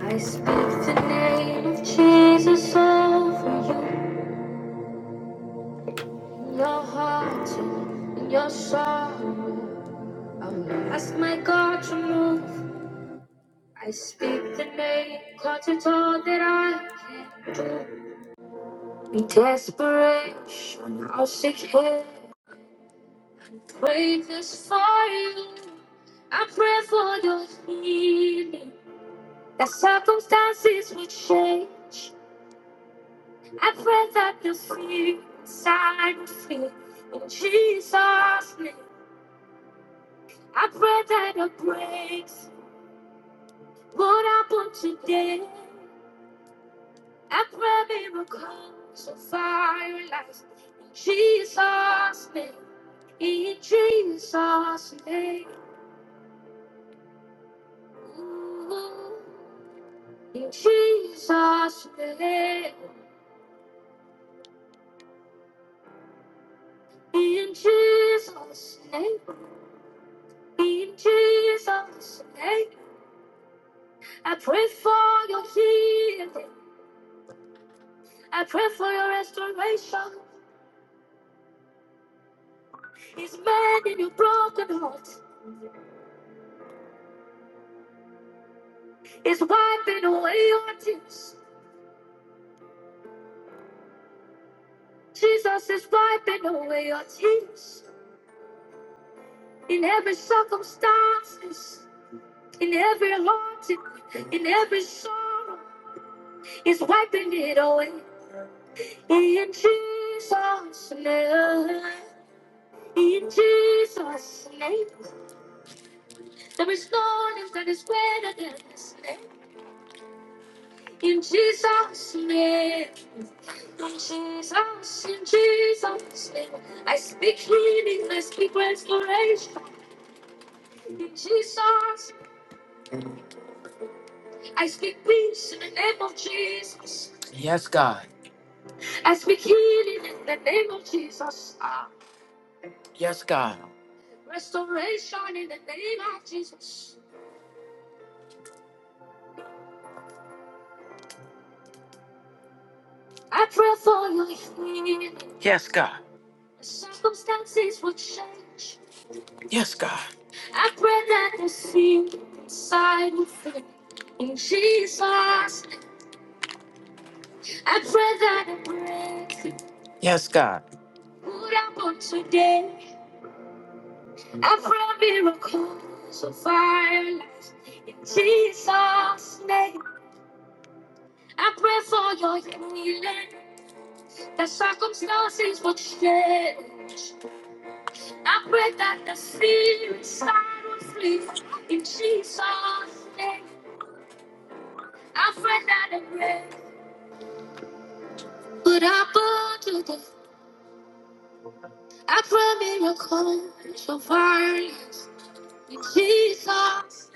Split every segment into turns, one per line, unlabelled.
I speak the name of Jesus over you, in your heart in your sorrow. I'll ask my God to move. I speak the name, cause it's all that I can do. In desperation, I'll seek Him. Pray this for you. I pray for your healing. That circumstances will change. I pray that you'll see inside me in Jesus' name. I pray that your grace would happen today. I pray miracles of fire lights in Jesus' name. In Jesus' name. Ooh. In Jesus' name. In Jesus' name. In Jesus' name. I pray for your healing. I pray for your restoration. He's mending your broken heart. He's wiping away your tears. Jesus is wiping away your tears. In every circumstance, in every haunting, in every sorrow, He's wiping it away. In Jesus' name. In Jesus' name. There is no name that is greater than His name. In Jesus' name. Jesus, in Jesus' name, I speak healing, I speak restoration. In Jesus, I speak peace in the name of Jesus. Yes, God. I speak healing in the name of Jesus. Ah. Yes, God. Restoration in the name of Jesus. I pray for your healing. Yes, God. Circumstances will change. Yes, God. I pray that the seed inside will fit in Jesus. I pray that it breaks Yes, God. Put up on today. I pray miracles of fire lights in Jesus' name. I pray for your healing. That circumstances will change. I pray that the fear inside will flee in Jesus' name. I pray that it breaks. But I burned to death. I pray miracles so violence. In Jesus,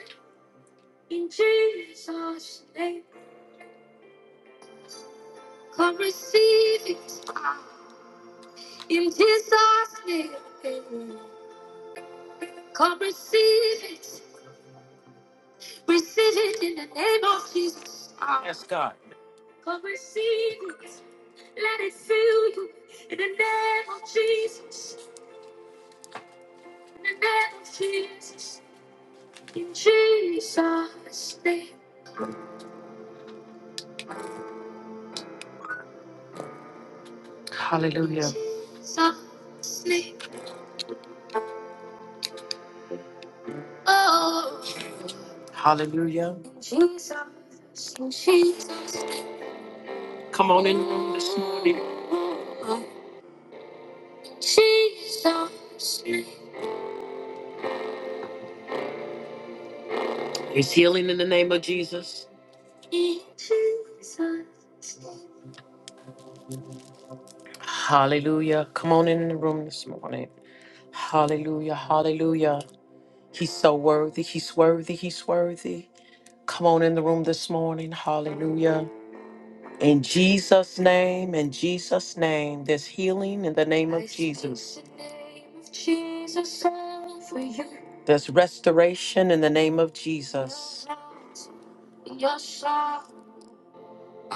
in Jesus' name, come receive it. In Jesus' name, amen. come receive it. Receive it in the name of Jesus. Yes, God. Come receive it. Let it fill you in the name of Jesus. In the name of Jesus. In Jesus' name. Hallelujah. Hallelujah. Come on in the room this morning. It's healing in the name of Jesus. Hallelujah. Come on in the room this morning. Hallelujah. Hallelujah. He's so worthy. He's worthy. He's worthy. Come on in the room this morning. Hallelujah. In Jesus' name, in Jesus' name, there's healing in the name of I speak Jesus. the name of Jesus over you. There's restoration in the name of Jesus. Your shout,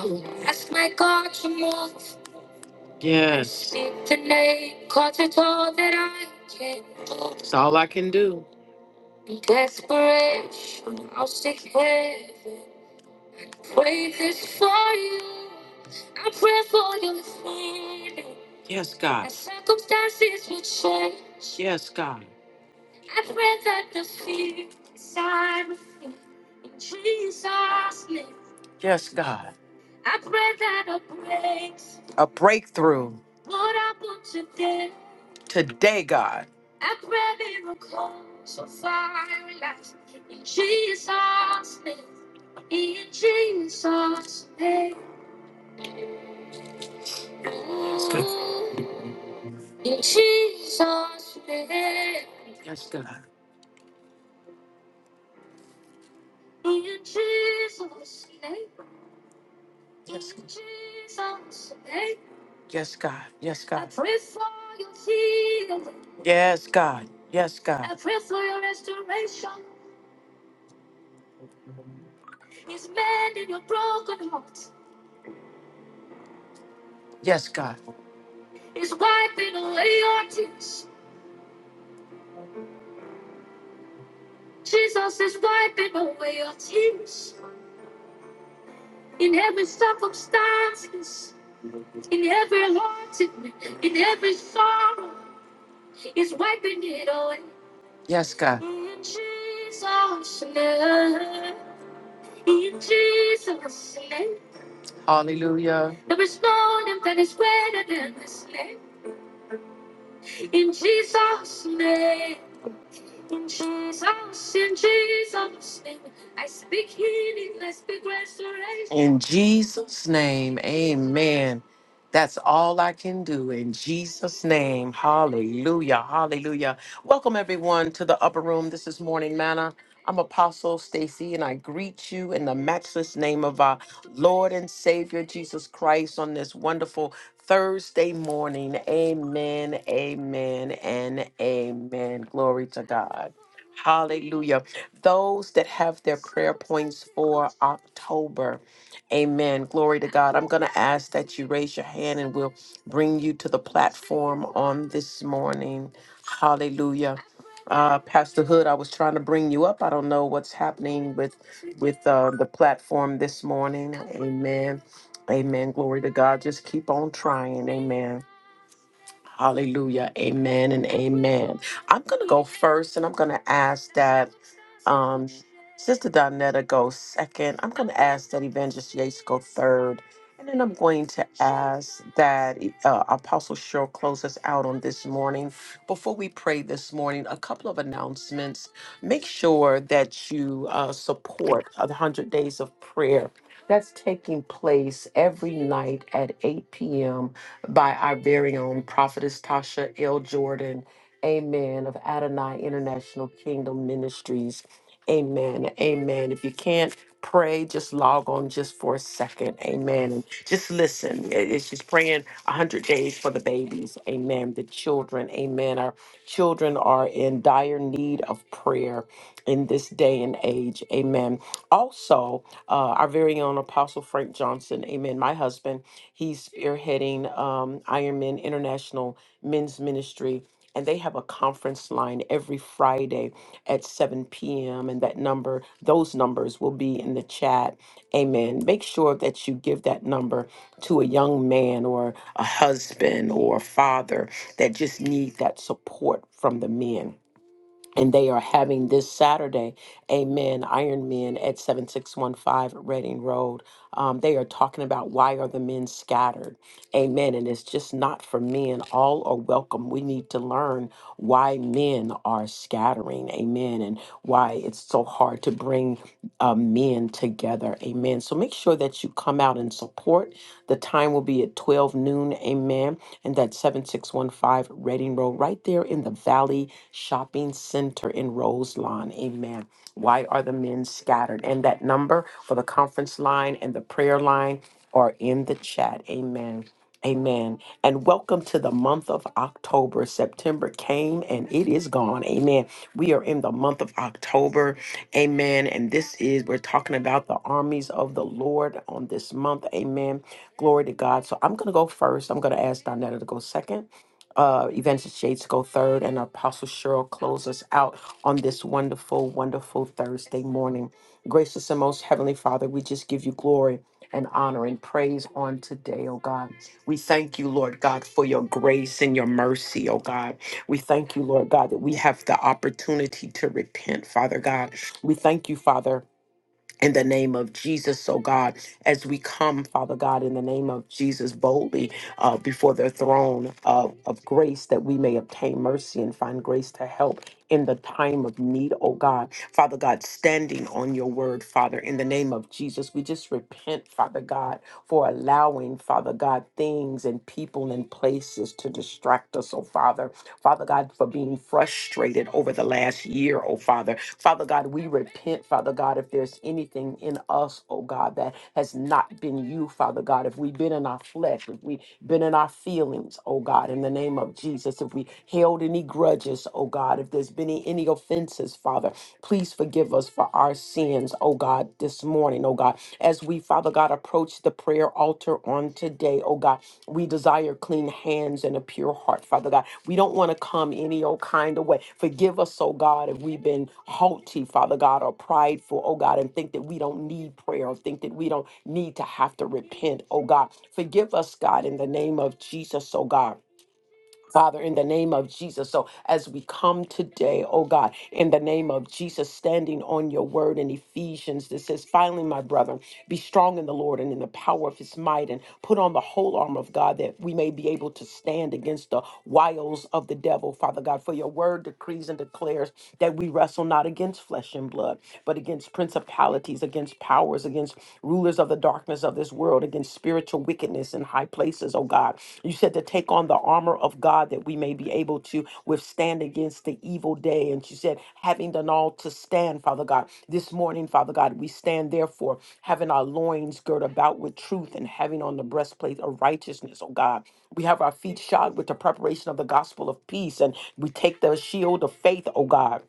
your shout. Ask my God to move. Yes. Speak the name, 'cause it's all that I can do. It's all I can do. In desperation, I'll seek heaven. Wait this for you. I pray for your family. Yes, God. As circumstances will change. Yes, God. I pray that the fear inside of me in Jesus' name. Yes, God. I pray that a breaks. A breakthrough. What I want today. Today, God. Yes, God. Yes, God. In Jesus' name. Yes, God. In Jesus' name. Yes, God. Yes, God. I pray for your healing. Yes, God. Yes, God. I pray for your restoration. He's mending your broken heart. Yes, God. He's wiping away your tears. Jesus is wiping away your tears. In every circumstance, in every heartache, in every sorrow, He's wiping it away. Yes, God. In Jesus' name, in Jesus' name. Hallelujah. There is no name that is greater than this name. In Jesus' name. In Jesus, in Jesus' name, I speak healing, I speak restoration. In Jesus' name, amen. That's all I can do in Jesus' name. Hallelujah, hallelujah. Welcome, everyone, to the upper room. This is Morning Manna. I'm Apostle Stacy, and I greet you in the matchless name of our Lord and Savior Jesus Christ on this wonderful Thursday morning. Amen, amen, and amen. Glory to God. Hallelujah. Those that have their prayer points for October, amen. Glory to God. I'm going to ask that you raise your hand and we'll bring you to the platform on this morning. Hallelujah. Uh, Pastor Hood, I was trying to bring you up. I don't know what's happening with with uh, the platform this morning. Amen. Amen. Glory to God. Just keep on trying. Amen. Hallelujah. Amen and amen. I'm going to go first and I'm going to ask that. Um, Sister Donetta goes second. I'm going to ask that Evangelist Yates go third. And then I'm going to ask that uh, Apostle Cheryl close us out on this morning. Before we pray this morning, a couple of announcements. Make sure that you uh, support the 100 Days of Prayer. That's taking place every night at 8 p.m. by our very own prophetess Tasha L. Jordan, amen, of Adonai International Kingdom Ministries. Amen. Amen. If you can't pray, just log on just for a second. Amen. And just listen. It- It's just praying 100 days for the babies. Amen. The children. Amen. Our children are in dire need of prayer in this day and age. Amen. Also, uh, our very own Apostle Frank Johnson. Amen. My husband, he's spearheading um, Ironman International Men's Ministry. And they have a conference line every Friday at 7 p.m. And that number, those numbers will be in the chat. Amen. Make sure that you give that number to a young man or a husband or a father that just need that support from the men and they are having this Saturday, Amen, Iron Men at 7615 Reading Road. Um, they are talking about why are the men scattered? Amen. And it's just not for men. All are welcome. We need to learn why men are scattering. Amen. And why it's so hard to bring uh, men together. Amen. So make sure that you come out and support. The time will be at 12 noon. Amen. And that's 7615 Reading Road, right there in the Valley Shopping Center in Roselawn. Amen. Why are the men scattered? And that number for the conference line and the prayer line are in the chat. Amen. Amen. And welcome to the month of October. September came and it is gone. Amen. We are in the month of October. Amen. And this is, we're talking about the armies of the Lord on this month. Amen. Glory to God. So I'm going to go first. I'm going to ask Donetta to go second, uh, Evangelist Shades to go third, and Apostle Cheryl close us out on this wonderful, wonderful Thursday morning. Gracious and most heavenly Father, we just give you glory and honor and praise on today, oh God. We thank you, Lord God, for your grace and your mercy, oh God. We thank you, Lord God, that we have the opportunity to repent, Father God. We thank you, Father in the name of Jesus, oh God, as we come, Father God, in the name of Jesus, boldly uh, before the throne of, of grace that we may obtain mercy and find grace to help in the time of need, oh God. Father God, standing on your word, Father, in the name of Jesus, we just repent, Father God, for allowing, Father God, things and people and places to distract us, oh Father. Father God, for being frustrated over the last year, oh Father. Father God, we repent, Father God, if there's anything in us, oh God, that has not been you, Father God. If we've been in our flesh, if we've been in our feelings, oh God, in the name of Jesus, if we held any grudges, oh God, if there's been any any offenses, Father, Please forgive us for our sins, oh God, this morning, oh God. As we, Father God, approach the prayer altar on today, oh God, we desire clean hands and a pure heart, Father God. We don't want to come any old kind of way. Forgive us, oh God, if we've been haughty, Father God, or prideful, oh God, and think that we don't need prayer or think that we don't need to have to repent, oh God. Forgive us, God, in the name of Jesus, oh God Father, in the name of Jesus. So as we come today, oh God, in the name of Jesus, standing on your word in Ephesians that says, finally, my brethren, be strong in the Lord and in the power of his might, and put on the whole armor of God that we may be able to stand against the wiles of the devil, Father God. For your word decrees and declares that we wrestle not against flesh and blood, but against principalities, against powers, against rulers of the the darkness of this world against spiritual wickedness in high places, oh God. You said to take on the armor of God that we may be able to withstand against the evil day. And you said, having done all to stand, Father God. This morning, Father God, we stand therefore, having our loins girt about with truth and having on the breastplate of righteousness, oh God. We have our feet shod with the preparation of the gospel of peace, and we take the shield of faith, oh God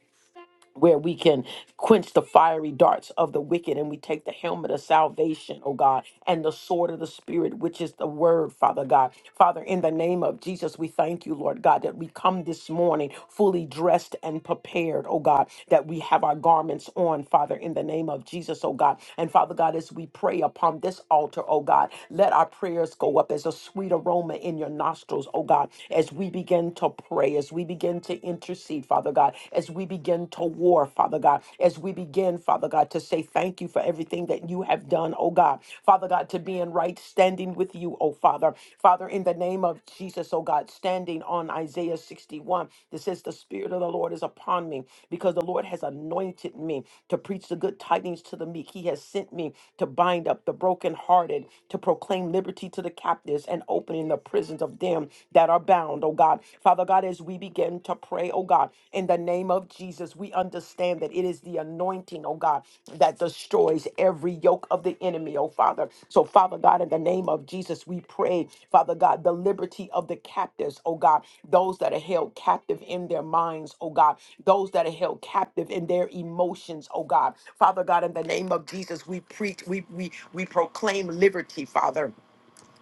where we can quench the fiery darts of the wicked and we take the helmet of salvation, oh God, and the sword of the Spirit, which is the word, Father God. Father, in the name of Jesus, we thank you, Lord God, that we come this morning fully dressed and prepared, oh God, that we have our garments on, Father, in the name of Jesus, oh God. And Father God, as we pray upon this altar, oh God, let our prayers go up as a sweet aroma in your nostrils, oh God, as we begin to pray, as we begin begin to intercede, Father God, as we begin to war, Father God, as we begin, Father God, to say thank you for everything that you have done, oh God. Father God, to be in right standing with you, oh Father. Father, in the name of Jesus, oh God, standing on Isaiah 61, that says, The Spirit of the Lord is upon me because the Lord has anointed me to preach the good tidings to the meek. He has sent me to bind up the brokenhearted, to proclaim liberty to the captives and opening the prisons of them them that are bound, oh God. Father God, as we begin to pray, oh God, in the name of Jesus, we understand that it is the anointing, oh God, that destroys every yoke of the enemy, oh Father. So, Father God, in the name of Jesus, we pray, Father God, the liberty of the captives, oh God, those that are held captive in their minds, oh God, those that are held captive in their emotions, oh God. Father God, in the name of Jesus, we preach, we we we proclaim liberty, Father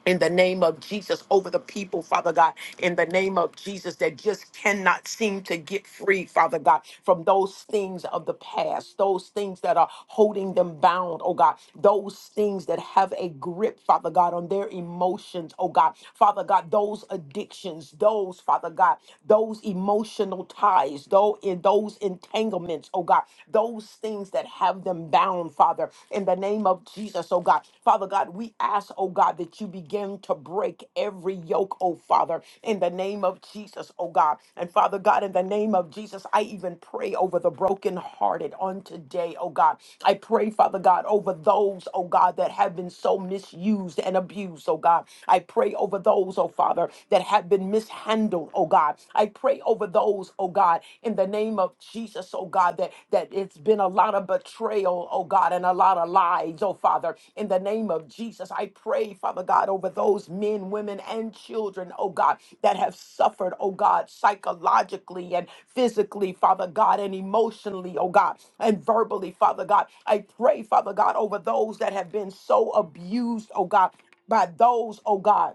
in the name of Jesus over the people, Father God, in the name of Jesus that just cannot seem to get free, Father God, from those things of the past, those things that are holding them bound, oh God, those things that have a grip, Father God, on their emotions, oh God, Father God, those addictions, those, Father God, those emotional ties, though in those entanglements, oh God, those things that have them bound down, Father, in the name of Jesus, oh God. Father God, we ask, oh God, that you begin to break every yoke, oh Father, in the name of Jesus, oh God. And Father God, in the name of Jesus, I even pray over the brokenhearted on today, oh God. I pray, Father God, over those, oh God, that have been so misused and abused, oh God. I pray over those, oh Father, that have been mishandled, oh God. I pray over those, oh God, in the name of Jesus, oh God, that, that it's been a lot of betrayal, oh God, and a lot of lies, oh Father, in the name of Jesus. I pray, Father God, over those men, women, and children, oh God, that have suffered, oh God, psychologically and physically, Father God, and emotionally, oh God, and verbally, Father God. I pray, Father God, over those that have been so abused, oh God, by those, oh God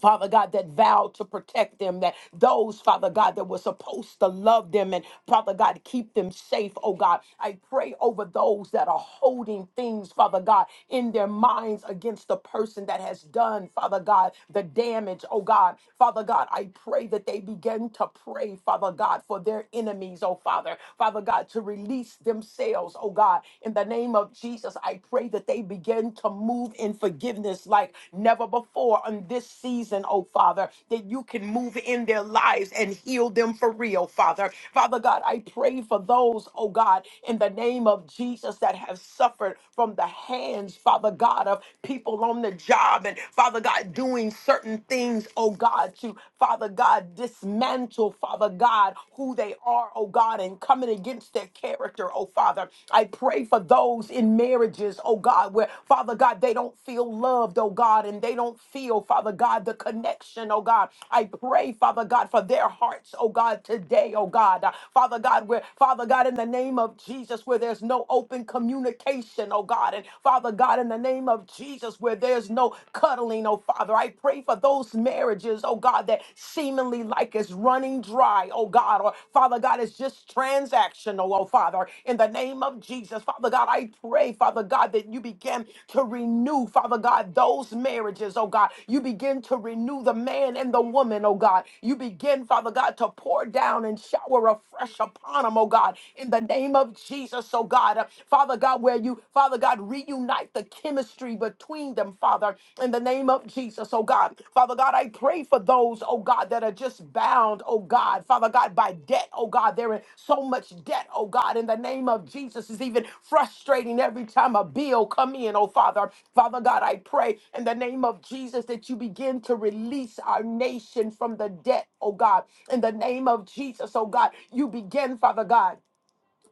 Father God, that vowed to protect them, that those, Father God, that were supposed to love them and, Father God, keep them safe, oh God. I pray over those that are holding things, Father God, in their minds against the person that has done, Father God, the damage, oh God. Father God, I pray that they begin to pray, Father God, for their enemies, oh Father. Father God, to release themselves, oh God. In the name of Jesus, I pray pray that they begin to move in forgiveness like never before on this season, oh Father, that you can move in their lives and heal them for real, Father. Father God, I pray for those, oh God, in the name of Jesus that have suffered from the hands, Father God, of people on the job and Father God doing certain things, oh God, to Father God dismantle, Father God, who they are, oh God. God, and coming against their character, oh Father. I pray for those in marriages, oh God, where, Father God, they don't feel loved, oh God, and they don't feel, Father God, the connection, oh God. I pray, Father God, for their hearts, oh God, today, oh God. Uh, Father God, where, Father God, in the name of Jesus, where there's no open communication, oh God, and Father God, in the name of Jesus, where there's no cuddling, oh Father, I pray for those marriages marriages, oh God, that seemingly like it's running dry, oh God, or Father God, it's just transactional, oh Father, in the name of Jesus. Father God, I pray, Father God, that you begin to renew, Father God, those marriages, oh God. You begin to renew the man and the woman, oh God. You begin, Father God, to pour down and shower afresh upon them, oh God, in the name of Jesus, oh God. Uh, Father God, where you, Father God, reunite the chemistry between them, Father, in the name of Jesus, oh God. Father God, I pray for those, oh God, that are just bound, oh God, Father God, by debt, oh God. They're in so much debt, oh God, in the name of Jesus. It's even frustrating every time a bill come in, oh Father. Father God, I pray in the name of Jesus that you begin to release our nation from the debt, oh God. In the name of Jesus, oh God, you begin, Father God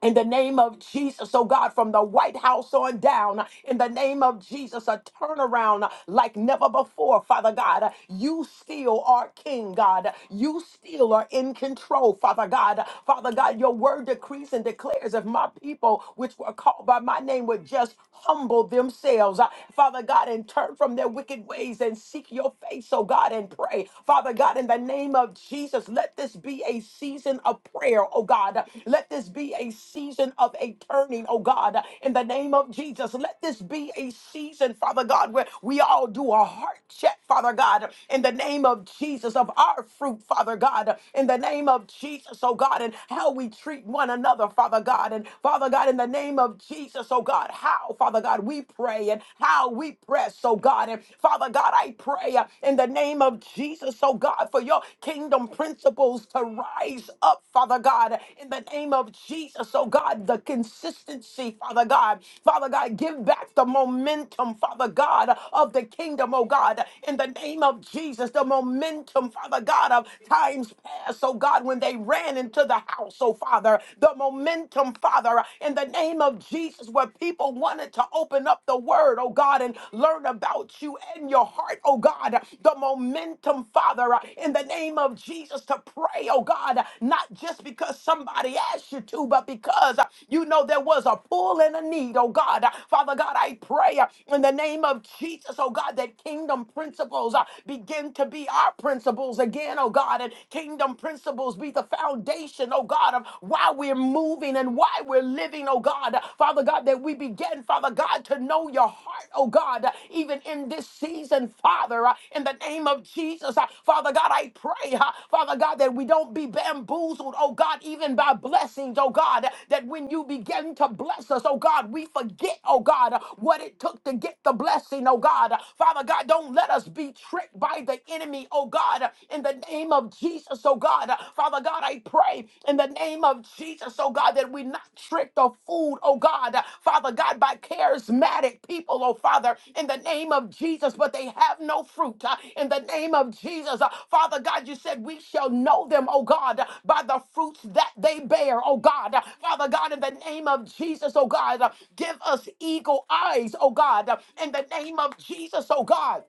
in the name of Jesus, oh God, from the White House on down, in the name of Jesus, a turnaround like never before, Father God. You still are King, God. You still are in control, Father God. Father God, your word decrees and declares if my people, which were called by my name, would just humble themselves, uh, Father God, and turn from their wicked ways and seek your face, oh God, and pray. Father God, in the name of Jesus, let. Let this be a season of prayer, oh God. Let this be a season of a turning, oh God, in the name of Jesus. Let this be a season, Father God, where we all do a heart check, Father God, in the name of Jesus, of our fruit, Father God, in the name of Jesus, oh God, and how we treat one another, Father God, and Father God, in the name of Jesus, oh God, how, Father God, we pray and how we press, oh God, and Father God, I pray pray uh, in the name of Jesus, oh God, for your kingdom principles to rise up, Father God, in the name of Jesus, oh God, the consistency, Father God. Father God, give back the momentum, Father God, of the kingdom, oh God, in the name of Jesus, the momentum, Father God, of times past, oh God, when they ran into the house, oh Father, the momentum, Father, in the name of Jesus, where people wanted to open up the word, oh God, and learn about you and your heart, oh God. The momentum, Father, in the name of Jesus to pray, oh God, not just because somebody asked you to, but because you know there was a pull and a need, oh God. Father God, I pray in the name of Jesus, oh God, that kingdom principles uh, begin to be our principles again, oh God, and kingdom principles be the foundation, oh God, of why we're moving moving and why we're living, oh God. Father God, that we begin, Father God, to know your heart, oh God, even in this season, Father, uh, in the name of Jesus. Uh, Father God, I pray, uh, Father God, that we don't be bamboozled, oh God, even by blessings, oh God, that when you begin to bless us, oh God, we forget, oh God, what it took to get the blessing, oh God. Father God, don't let us be tricked by the enemy, oh God, in the name of Jesus, oh God. Uh, Father God, I pray in the name of Jesus, oh God, that we not tricked or fooled, oh God, uh, Father God, by charismatic people, oh Father, in the name of Jesus, but they have no fruit. uh, In the name of Jesus, Uh, Father God, you said we shall know them, oh God, uh, by the fruits that they bear, oh God. Uh, Father God, in the name of Jesus, oh God, uh, give us eagle eyes, oh God, uh, in the name of Jesus, oh God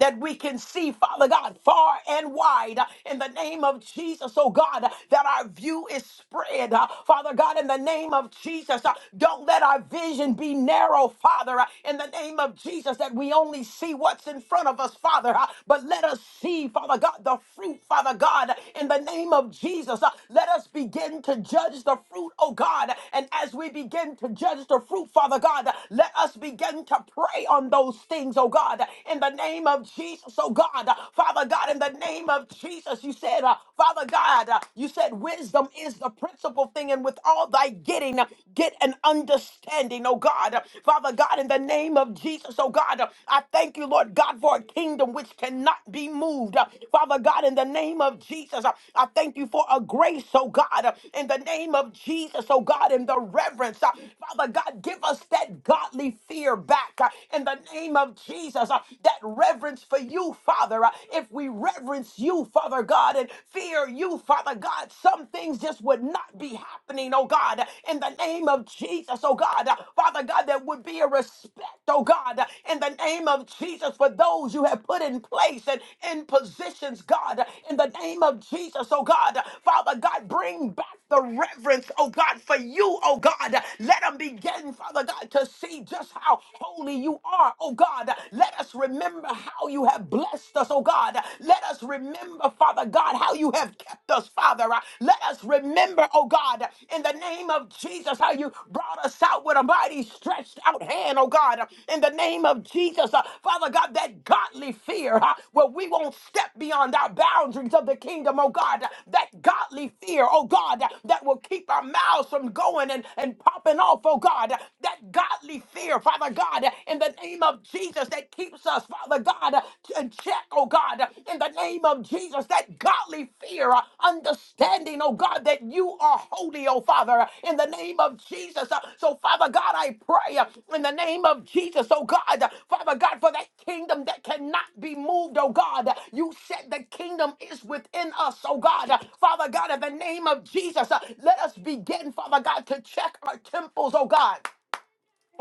that we can see, Father God, far and wide uh, in the name of Jesus, oh God, uh, that our view is spread. uh, Father God, in the name of Jesus, uh, don't let our vision be narrow, Father, uh, in the name of Jesus, that we only see what's in front of us, Father, uh, but let us see, Father God, the fruit, Father God, in the name of Jesus. uh, Let us begin to judge the fruit, oh God, and as we begin to judge the fruit, Father God, let us begin to pray on those things, oh God, in the name of Jesus. So, God, uh, Father God, in the name of Jesus, you said, uh, Father God, uh, you said wisdom is the principal thing, and with all thy getting, uh, get an understanding, oh God. Uh, Father God, in the name of Jesus, oh God, uh, I thank you, Lord God, for a kingdom which cannot be moved. Uh, Father God, in the name of Jesus, uh, I thank you for a grace, oh God, uh, in the name of Jesus, oh God, in the reverence. uh, Father God, give us that godly fear back uh, in the name name of Jesus, uh, that reverence for you, Father. uh, If we reverence you, Father God, and fear you, Father God, some things just would not be happening, oh God, in the name of Jesus, oh God. Uh, Father God, there would be a respect, oh God, uh, in the name of Jesus for those you have put in place and in positions, God, uh, in the name of Jesus, oh God. Uh, Father God, bring back the reverence, oh God, for you, oh God. Uh, Let them begin, Father God, to see just how holy you are, oh God. Let us remember how you have blessed us, oh God. Let us remember, Father God, how you have kept us, Father. Let us remember, oh God, in the name of Jesus, how you brought us out with a mighty stretched out hand, oh God. In the name of Jesus, uh, Father God, that godly fear uh, where we won't step beyond our boundaries of the kingdom, oh God. That godly fear, oh God, that will keep our mouths from going and, and popping off, oh God. That godly fear, Father God, in the name of Jesus that keeps us, Father God, in check, oh God, in the name of Jesus, that godly fear, uh, understanding, oh God, that you are holy, oh Father, in the name of Jesus. Uh, So, Father God, I pray uh, in the name of Jesus, oh God, uh, Father God, for that kingdom that cannot be moved, oh God. You said the kingdom is within us, oh God. Uh, Father God, in the name of Jesus, uh, let us begin, Father God, to check our temples, oh God.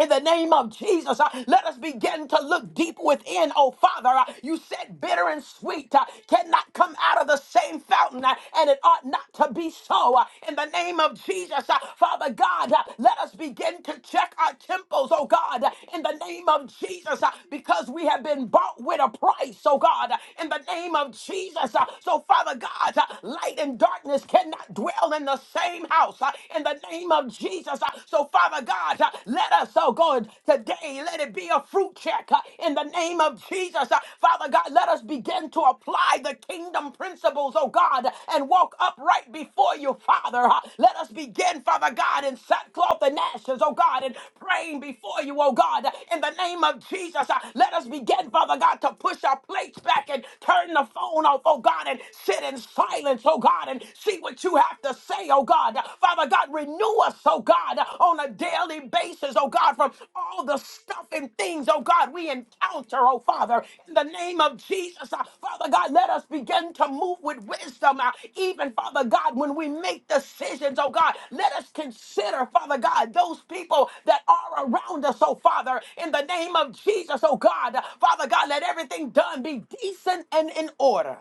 In the name of Jesus, uh, let us begin to look deep within, oh Father. Uh, you said bitter and sweet uh, cannot come out of the same fountain, uh, and it ought not to be so. Uh, in the name of Jesus, uh, Father God, uh, let us begin to check our temples, oh God, uh, in the name of Jesus, uh, because we have been bought with a price, oh God, uh, in the name of Jesus. uh, so, Father God, uh, light and darkness cannot dwell in the same house. uh, in the name name of Jesus. Uh, So, Father God, uh, let us, oh God, today, let it be a fruit check uh, in the name of Jesus. Uh, Father God, let us begin to apply the kingdom principles, oh God, and walk upright before you, Father. Uh, Let us begin, Father God, in sackcloth and ashes, oh God, and praying before you, oh God, in the name of Jesus. Uh, Let us begin, Father God, to push our plates back and turn the phone off, oh God, and sit in silence, oh God, and see what you have to say, oh God. Father God, renew us, oh God, on a daily basis, oh God, from all the stuff and things, oh God, we encounter, oh Father. In the name of Jesus, uh, Father God, let us begin to move with wisdom, uh, even, Father God, when we make decisions, oh God. Let us consider, Father God, those people that are around us, oh Father. In the name of Jesus, oh God, Father God, let everything done be decent and in order.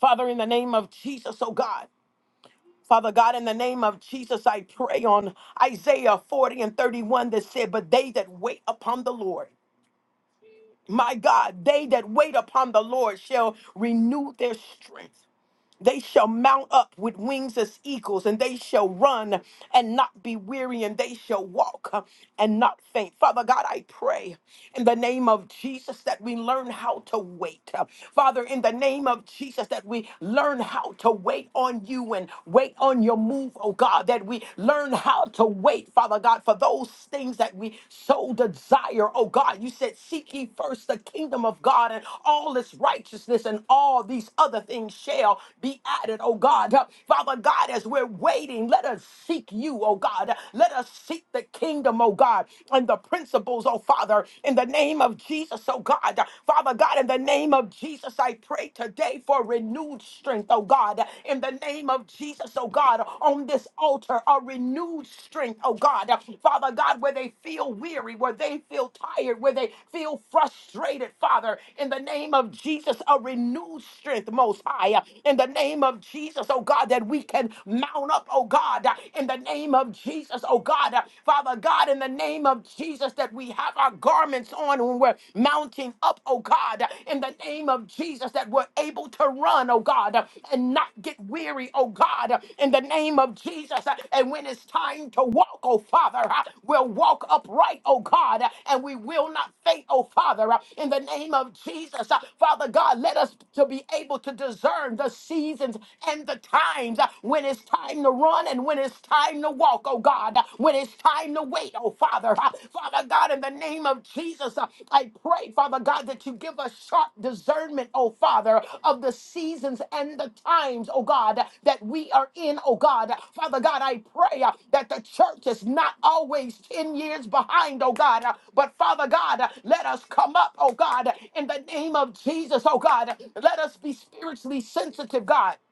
Father, in the name of Jesus, oh God. Father God, in the name of Jesus, I pray on Isaiah 40 and 31 that said, But they that wait upon the Lord, my God, they that wait upon the Lord shall renew their strength. They shall mount up with wings as eagles, and they shall run and not be weary, and they shall walk uh, and not faint. Father God, I pray in the name of Jesus that we learn how to wait. Uh, Father, in the name of Jesus, that we learn how to wait on you and wait on your move, oh God, that we learn how to wait, Father God, for those things that we so desire, oh God. You said said, Seek ye first the kingdom of God and all its righteousness, and all these other things shall be added, oh God. Uh, Father God, as we're waiting, let us seek you, oh God. Let us seek the kingdom, oh God, and the principles, oh Father, in the name of Jesus, oh God. Father God, in the name of Jesus, I pray today for renewed strength, oh God, in the name of Jesus, oh God, on this altar a renewed strength, oh God. Uh, Father God, where they feel weary, where they feel tired, where they feel frustrated, Father, in the name of Jesus, a renewed strength, Most High. Uh, In the name of Jesus, oh God, that we can mount up, oh God, uh, in the name of Jesus, oh God. Uh, Father God, in the name of Jesus, that we have our garments on when we're mounting up, oh God, uh, in the name of of Jesus that we're able to run, oh God, and not get weary, oh God, in the name of Jesus. And when it's time to walk, oh Father, we'll walk upright, oh God, and we will not faint, oh Father, in the name of Jesus. Father God, let us to be able to discern the seasons and the times when it's time to run and when it's time to walk, oh God, when it's time to wait tonight, oh Father. Uh, Father God, in the name of Jesus, uh, I pray, Father God, that you give us sharp discernment, oh Father, of the seasons and the times, oh God, that we are in, oh God. Father God, I pray uh, that the church is not always 10 years behind, oh God, Uh, but Father God, uh, let us come up, oh God, in the name of Jesus, oh God. Let us be spiritually sensitive, God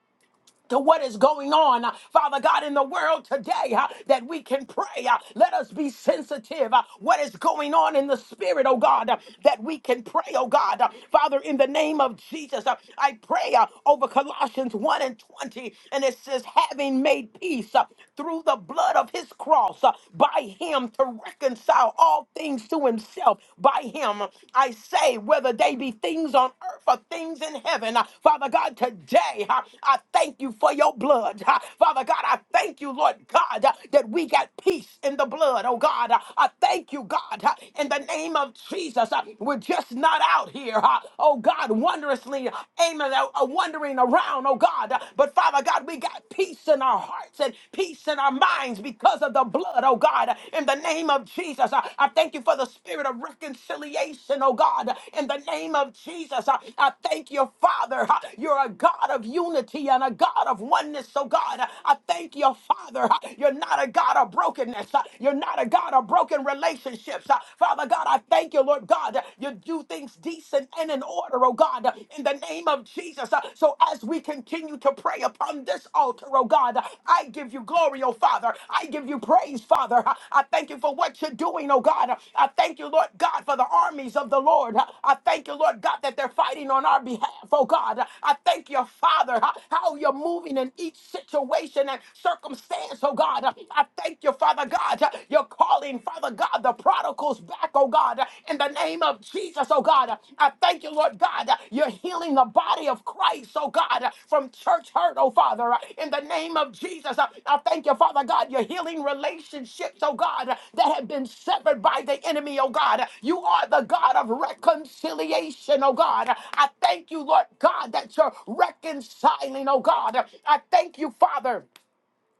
to what is going on, uh, Father God, in the world today, uh, that we can pray. uh, Let us be sensitive. uh, What is going on in the spirit, oh God, uh, that we can pray, oh God. Uh, Father, in the name of Jesus, uh, I pray uh, over Colossians 1 and 20, and it says, having made peace uh, through the blood of his cross, uh, by him to reconcile all things to himself, by him, I say, whether they be things on earth or things in heaven. Uh, Father God, today uh, I thank you for your blood. Uh, Father God, I thank you, Lord God, uh, that we got peace in the blood. Oh God, Uh, I thank you, God, uh, in the name of Jesus. Uh, We're just not out here, uh, oh God, wondrously aiming, uh, uh, wandering around, oh God. Uh, But Father God, we got peace in our hearts and peace in our minds because because of the blood, oh God, in the name of Jesus. I I thank you for the spirit of reconciliation, oh God, in the name of Jesus. I I thank you, Father. You're a God of unity and a God of oneness, oh God. I thank you, Father. You're not a God of brokenness. You're not a God of broken relationships. Father God, I thank you, Lord God. You do things decent and in order, oh God, in the name of Jesus. Jesus. Uh, So as we continue to pray upon this altar, oh God, uh, I give you glory, oh Father. I give you praise, Father. Uh, I thank you for what you're doing, oh God. Uh, I thank you, Lord God, for the armies of the Lord. Uh, I thank you, Lord God, that they're fighting on our behalf, oh God. Uh, I thank you, Father, uh, how you're moving in each situation and circumstance, oh God. Uh, I thank you, Father God. uh, You're calling, Father God, the prodigals back back, oh God, in the name of Jesus, oh God. I thank you, Lord God. You're healing the body of Christ, oh God, from church hurt, oh Father, in the name of Jesus. I thank you, Father God. You're healing relationships, oh God, that have been severed by the enemy, oh God. You are the God of reconciliation, oh God. I thank you, Lord God, that you're reconciling, oh God. I thank you, Father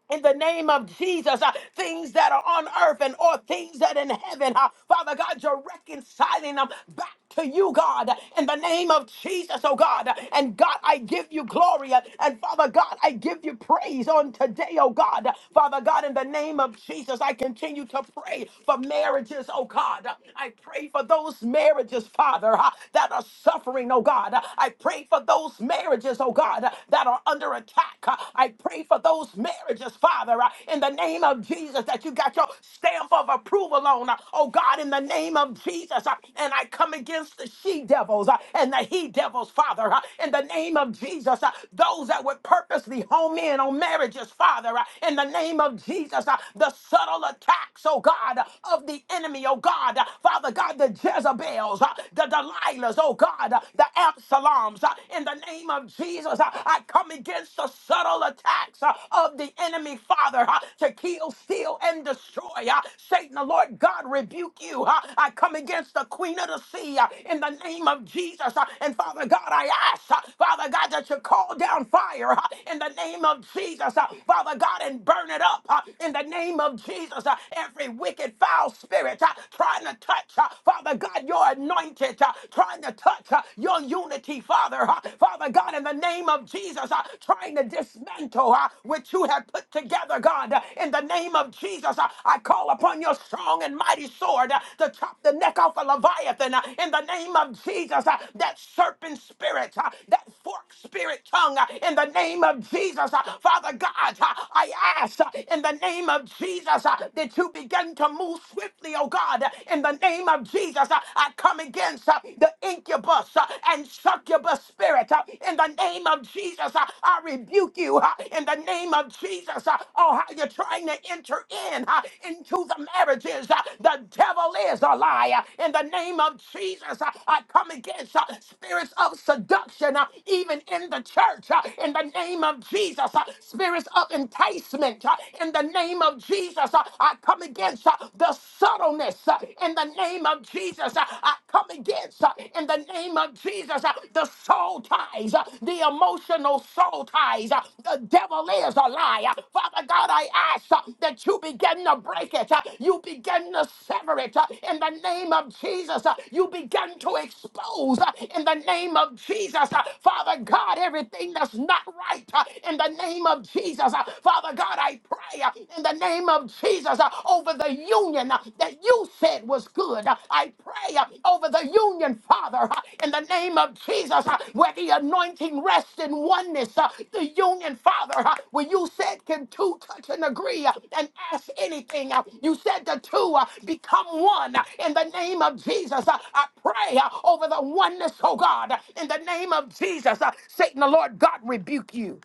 in the name of Jesus, uh, things that are on earth and or things that in heaven, uh, Father God, you're reconciling them back to you, God, in the name of Jesus, oh God. And God, I give you glory, uh, and Father God, I give you praise on today, oh God. Father God, in the name of Jesus, I continue to pray for marriages, oh God. I pray for those marriages, Father, uh, that are suffering, oh God. I pray for those marriages, oh God, that are under under attack. Uh, I pray for those marriages, Father, uh, in the name of Jesus, that you got your stamp of approval on. uh, Oh God, in the name of Jesus. uh, And I come against the she devils uh, and the he devils, Father, uh, in the name of Jesus. uh, Those that would purposely home in on marriages, Father, uh, in the name of Jesus. uh, The subtle attacks, oh God, uh, of the enemy, oh God, uh, Father God, the Jezebels, uh, the Delilahs, oh God, uh, the Absaloms, uh, in the name of Jesus, uh, I come against the subtle attacks uh, of the enemy, Father, uh, to kill, steal, and destroy. uh, Satan, the Lord God, rebuke you. uh, I come against the queen of the sea uh, in the name of Jesus. uh, And Father God, I ask, uh, Father God, that you call down fire uh, in the name of Jesus, uh, Father God, and burn it up uh, in the name of Jesus. uh, Every wicked, foul spirit uh, trying to touch, uh, Father God, your anointed. uh, trying to touch uh, your unity, Father. uh, Father God, in the name of Jesus, uh, trying to dismantle uh, what you have put together, God. Uh, in the name of Jesus, uh, I call upon your strong and mighty sword uh, to chop the neck off a Leviathan. uh, in the name of Jesus, uh, that serpent spirit, uh, that forked spirit tongue, uh, in the name of Jesus, uh, Father God, uh, I ask uh, in the name of Jesus uh, that you begin to move swiftly, oh God, uh, in the the name of Jesus, uh, I come against uh, the incubus uh, and succubus spirit. uh, In the name of Jesus, uh, I rebuke you. uh, In the name of Jesus, uh, oh, how you're trying to enter in uh, into the marriages. uh, The devil is a liar. In the name of Jesus, uh, I come against uh, spirits of seduction, uh, even in the church. uh, In the name of Jesus, uh, spirits of enticement. uh, In the name of Jesus, uh, I come come against uh, the subtleness uh, in the name of Jesus. Uh, I come against uh, in the name of Jesus uh, the soul ties, uh, the emotional soul ties. Uh, The devil is a liar. Father God, I ask uh, that you begin to break it. uh, You begin to sever it uh, in the name of Jesus. uh, You begin to expose uh, in the name of Jesus. uh, Father God, everything that's not right uh, in the name of Jesus. uh, Father God, God, I pray uh, in the name of Jesus uh, over the union uh, that you said was good. Uh, I pray uh, over the union, Father, uh, in the name of Jesus, uh, where the anointing rests in oneness. uh, The union, Father, uh, where you said can two touch and agree uh, and ask anything. uh, You said the two uh, become one uh, in the name of Jesus. Uh, I pray uh, over the oneness, oh God, uh, in the name of Jesus. Uh, Satan, the Lord God, rebuke you.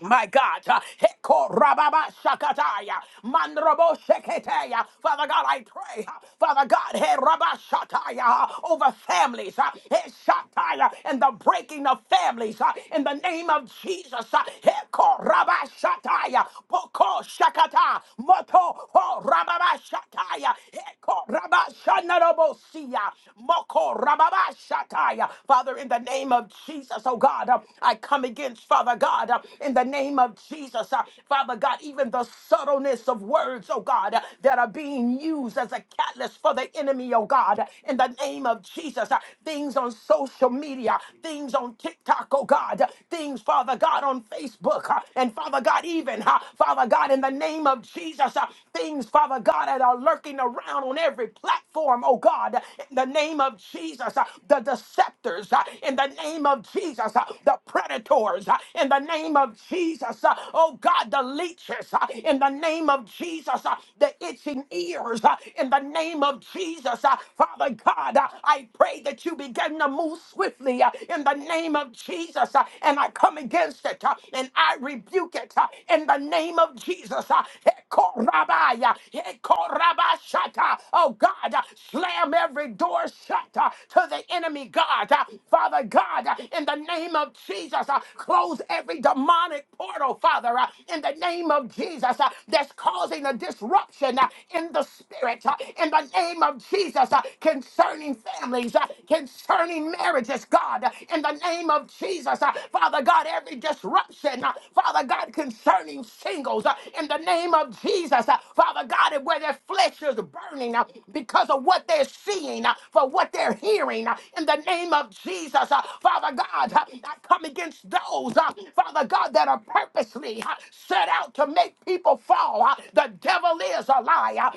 My God, uh, Heko Rababa Shakataya, Mandrobo Sheketaya. Father God, I pray, uh, Father God, He Rabba Shataya, uh, over families, uh, He Shataya, and the breaking of families, uh, in the name of Jesus, uh, Heko Rabba Shataya, Boko Shakata, Moto Ho Rababa Shataya, Heko Rabba Shanarobo Sia, Moko Rababa Shataya uh, Father, in the name of Jesus, oh God, uh, I come against, Father God, uh, in the name of Jesus, uh, Father God, even the subtleness of words, oh God, uh, that are being used as a catalyst for the enemy, oh God, uh, in the name of Jesus, uh, things on social media, things on TikTok, oh God, uh, things, Father God, on Facebook, uh, and Father God, even, uh, Father God, in the name of Jesus, uh, things, Father God, that are lurking around on every platform, oh God, in the name of Jesus, uh, the deceptors, uh, in the name of Jesus, uh, the predators, uh, in the name of Jesus, uh, oh God, the leeches, uh, in the name of Jesus, uh, the itching ears, uh, in the name of Jesus, uh, Father God, uh, I pray that you begin to move swiftly uh, in the name of Jesus, uh, and I come against it, uh, and I rebuke it uh, in the name of Jesus. uh, Hekorabaya, Hekorabashata. Oh God, uh, slam every door shut uh, to the enemy, God. Uh, Father God, uh, in the name of Jesus, uh, close every demonic portal, Father, uh, in the name of Jesus, uh, that's causing a disruption uh, in the spirit, uh, in the name of Jesus, uh, concerning families, uh, concerning marriages, God. God, in the name of Jesus. Uh, Father God, every disruption, uh, Father God, concerning singles, uh, in the name of Jesus. Uh, Father God, where their flesh is burning uh, because of what they're seeing, uh, for what they're hearing, uh, in the name of Jesus. Uh, Father God, uh, I come against those, uh, Father God, that are purposely uh, set out to make people fall. Uh, The devil is a liar.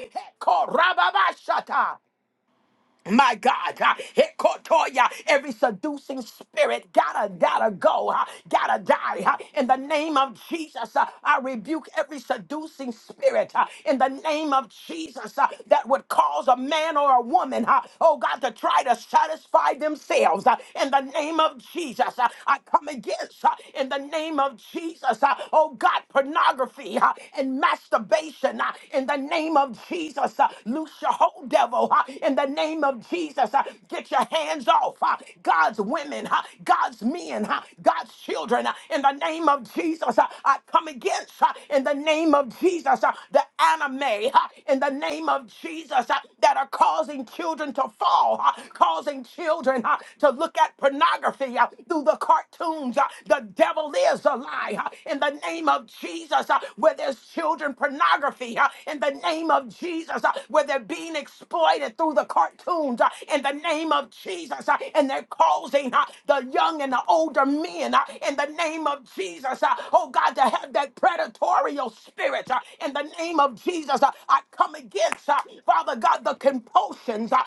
My God, huh? Hikotoya, every seducing spirit gotta, gotta go, huh? gotta die. huh? In the name of Jesus, huh? I rebuke every seducing spirit huh? in the name of Jesus huh? that would cause a man or a woman, huh? oh God, to try to satisfy themselves. huh? In the name of Jesus, huh? I come against, huh? in the name of Jesus, huh? oh God, pornography huh? and masturbation huh? in the name of Jesus. huh? Loose your whole devil huh? in the name of Jesus. Uh, Get your hands off uh, God's women, uh, God's men, uh, God's children uh, in the name of Jesus. Uh, I come against uh, in the name of Jesus uh, the anime uh, in the name of Jesus uh, that are causing children to fall, uh, causing children uh, to look at pornography uh, through the cartoons. uh, The devil is a lie uh, in the name of Jesus uh, where there's children pornography uh, in the name of Jesus uh, where they're being exposed exploited through the cartoons uh, in the name of Jesus. uh, and they're causing uh, the young and the older men uh, in the name of Jesus, uh, oh God, to have that predatorial spirit uh, in the name of Jesus. uh, I come against, uh, Father God, the compulsions. Uh,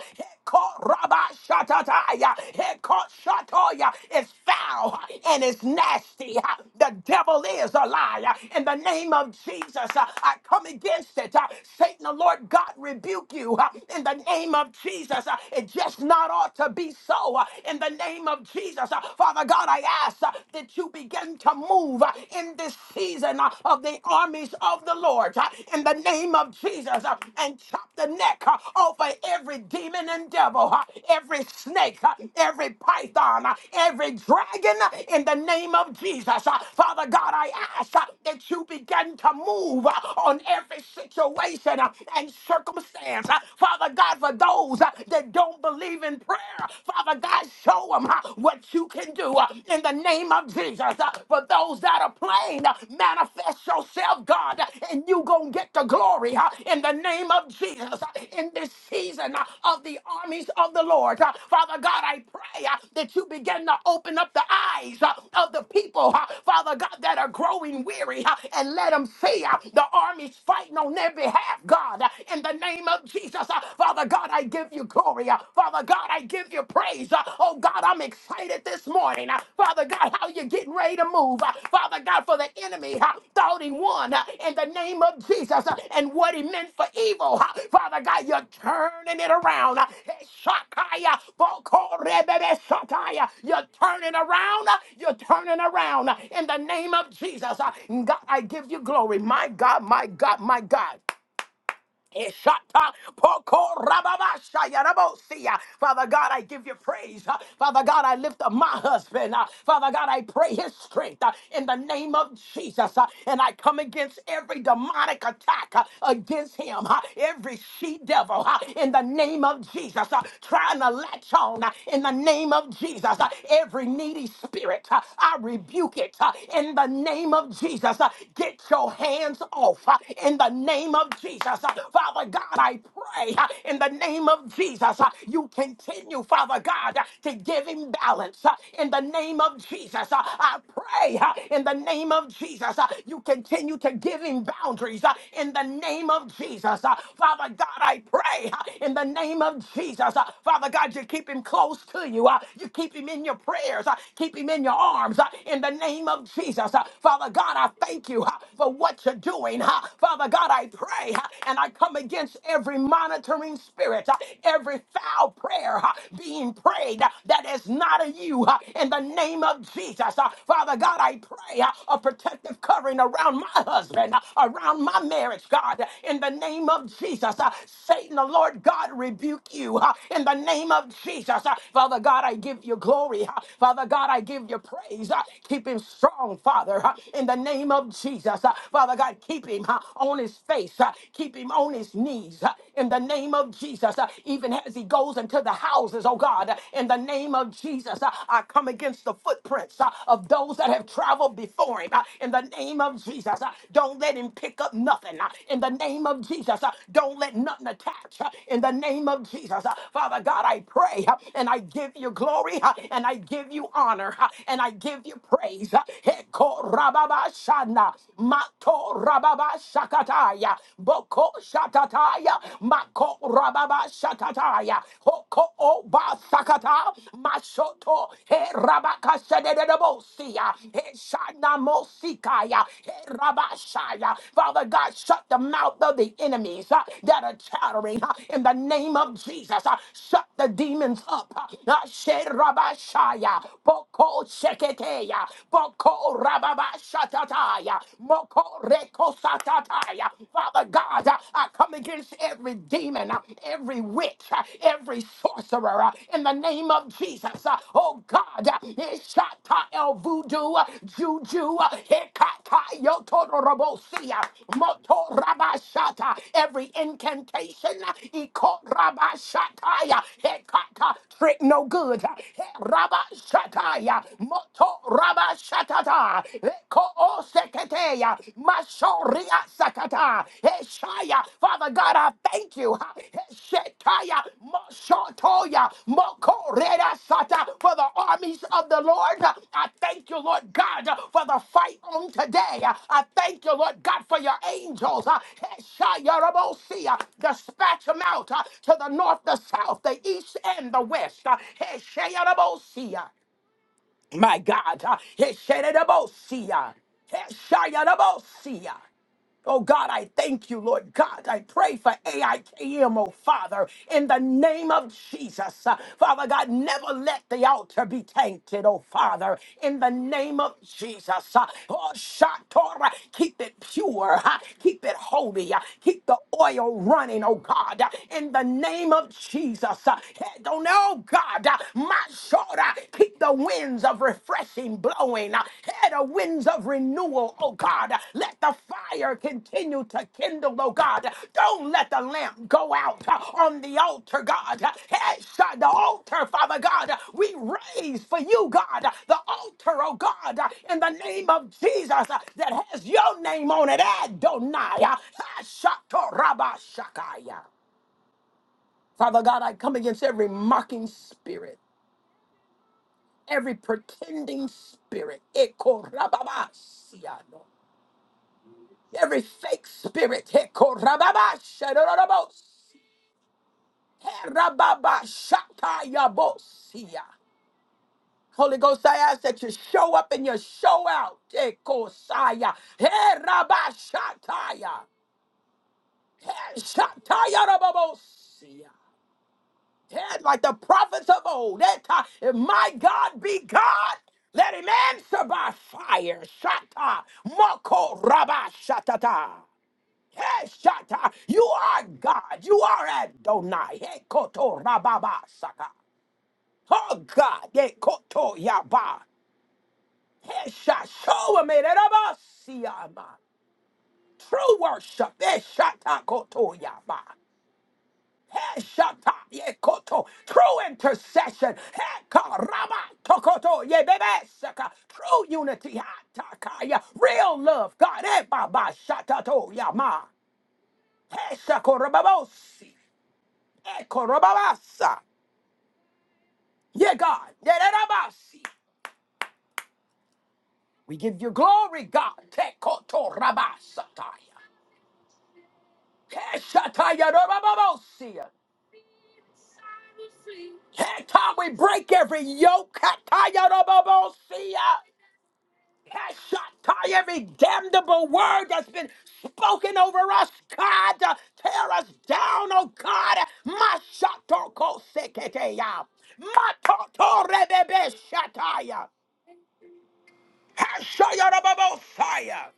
Hekorabashatataya, Hekoshatoya. it's foul uh, and it's nasty. uh, The devil is a liar. In the name of Jesus, uh, I come against it. uh, Satan, the Lord God, rebuke you rebuke you uh, in the name of Jesus. Uh, It just not ought to be so uh, in the name of Jesus. Uh, Father God, I ask uh, that you begin to move uh, in this season uh, of the armies of the Lord uh, in the name of Jesus uh, and chop the neck uh, over every demon and devil, uh, every snake, uh, every python, uh, every dragon uh, in the name of Jesus. Uh, Father God, I ask uh, that you begin to move uh, on every situation uh, and circumstance circumstance. Uh, Father God, for those uh, that don't believe in prayer, Father God, show them what you can do uh, in the name of Jesus. Uh, For those that are playing, uh, manifest yourself, God, uh, and you going to get the glory uh, in the name of Jesus uh, in this season uh, of the armies of the Lord. Uh, Father God, I pray uh, that you begin to open up the eyes uh, of the people, uh, Father God, that are growing weary uh, and let them see uh, the armies fighting on their behalf, God. God, in the name of Jesus. Uh, Father God, I give you glory. Uh, Father God, I give you praise. Uh, Oh God, I'm excited this morning. Uh, Father God, how you getting ready to move? Uh, Father God, for the enemy uh, thought he won uh, in the name of Jesus uh, and what he meant for evil. uh, Father God, you're turning it around. Uh, Shakaya, Bokorebebe Shakaya. You're turning around. uh, You're turning around uh, in the name of Jesus. Uh, God, I give you glory. My God, my God, my God. Ishata poko rababasha yarabosia. Father God, I give you praise. Uh, Father God, I lift up my husband. Uh, Father God, I pray his strength uh, in the name of Jesus. Uh, And I come against every demonic attack uh, against him, uh, every she devil uh, in the name of Jesus, uh, trying to latch on uh, in the name of Jesus. Uh, Every needy spirit, uh, I rebuke it uh, in the name of Jesus. Uh, Get your hands off uh, in the name name of Jesus. Uh, Father God, I pray uh, in the name of Jesus, uh, you continue, Father God, uh, to give him balance uh, in the name of Jesus. Uh, I pray uh, in the name of Jesus, uh, you continue to give him boundaries uh, in the name of Jesus. Uh, Father God, I pray uh, in the name of Jesus. Uh, Father God, you keep him close to you. Uh, You keep him in your prayers. Uh, Keep him in your arms uh, in the name of Jesus. Uh, Father God, I thank you uh, for what you're doing doing. huh? Father God, I pray huh, and I come against every monitoring spirit, huh, every foul prayer huh, being prayed huh, that is not of you huh, in the name of Jesus. huh. Father God, I pray huh, a protective covering around my husband, huh, around my marriage, God, in the name of Jesus. huh. Satan, the Lord God, rebuke you huh, in the name of Jesus. huh. Father God, I give you glory. huh. Father God, I give you praise. huh. Keep him strong, Father, huh, in the name of Jesus. Jesus. Uh, Father God, keep him uh, on his face, uh, keep him on his knees uh, in the name of Jesus. Uh, Even as he goes into the houses, oh God, uh, in the name of Jesus, uh, I come against the footprints uh, of those that have traveled before him uh, in the name of Jesus. Uh, Don't let him pick up nothing uh, in the name of Jesus. Uh, Don't let nothing attach uh, in the name of Jesus. Uh, Father God, I pray uh, and I give you glory uh, and I give you honor uh, and I give you praise. Uh, Rababashana, Mato Rababashakataya, Boko Shakataya, Mako Rababashakataya, Hoko Oba Sakata, Mashoto, He Rabakashadebosia, He Shana Mosikaya, He Rabashaya. Father God, shut the mouth of the enemies uh, that are chattering uh, in the name of Jesus. uh, Shut the demons up. uh, uh, She Rabashaya, Boko Sheketeya, Moko Rababa Shatataya. Moko Reko Satataya. Father God, uh, I come against every demon, uh, every witch, uh, every sorcerer uh, in the name of Jesus. Uh, Oh God, uh, Ishata El Voodoo, uh, Juju, uh, Hekata Yotorobosia, Moto Rabashata, every incantation, uh, Iko Rabashataya, Hekata, trick no good, uh, He Rabashataya, Koto raba shatata. Eko seketeya. Mashoria sakata. Eshaya. Father God, I thank you. Eshetaya. Moshotoya. Mokorera sata. For the armies of the Lord. I thank you, Lord God, for the fight on today. I thank you, Lord God, for your angels. Eshaya rabosia. Dispatch them out uh, to the north, the south, the east, and the west. Eshaya rabosia. My God. Ah, Heshedebosia. Heshayadebosia. Oh God, I thank you, Lord God. I pray for AIKM, oh Father, in the name of Jesus. Uh, Father God, never let the altar be tainted, oh Father, in the name of Jesus. Uh, Oh Shatora, keep it pure, huh? keep it holy, uh, keep the oil running, oh God, uh, in the name of Jesus. Uh, Don't know, God, uh, my shoulder, keep the winds of refreshing blowing, uh, eh, the winds of renewal, oh God. Let the fire continue to kindle, oh God. Don't let the lamp go out uh, on the altar, God. Eh, shut The altar, Father God, we raise for you, God, the altar, oh God, in the name of Jesus uh, that has your name on it, Adonai. uh, eh, Shatorabashakaya. Father God, I come against every mocking spirit every pretending spirit, ekorababasiano, every fake spirit, ekorababashadorobos, herababashatayabosia. Holy Ghost, I ask that you show up and you show out. Ekosaya, herabashataya, heshatayarabobosia. Yes, like the prophets of old. That time, if my God be God, let him answer by fire. Shata, moko rabba shatata. Hey, shata, you are God. You are Adonai. Hey, koto rababa saka. Oh God, hey, koto yaba. Hey, shata, show him it. Rabba siyama. True worship. Hey, shata koto yaba. Hey, shata, ye koto. True intercession. Hey, ka, tokoto, ye bebe, saka. True unity. ha, ta, ya. Real love. God. eh, baba, shata, to, ya, ma. Hey, shako, Eh, ko, rababasa. Yeah, God. Yeah, rabasi. We give you glory, God. Te, koto, rabasata. ya. Keshatayarobababosiya. Hey, God, we break every yoke. Katayarobabosiya. Keshatai, Every damnable word that's been spoken over us, God, to tear us down, oh God. Mashatokoseketeya. Matotorebebeshataya. Heshayarobabosaya.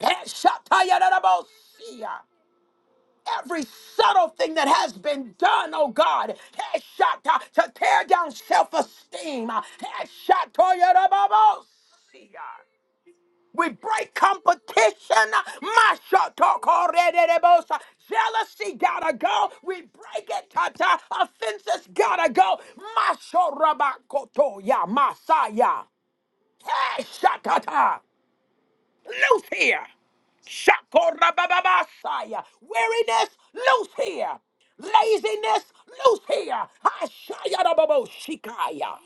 Heshatayarobosiya. every subtle thing that has been done, oh God, headshot to, to tear down self-esteem, uh, headshot to your elbows. uh, We break competition, uh, masha to korerebos, uh, jealousy gotta go. We break it, tata. Offenses gotta go. Masho rabakoto ya masaya. Hey, shakata loose here. Shakorabababasaya. Weariness, loose here. Laziness, loose here. Hashayarababoshikaya.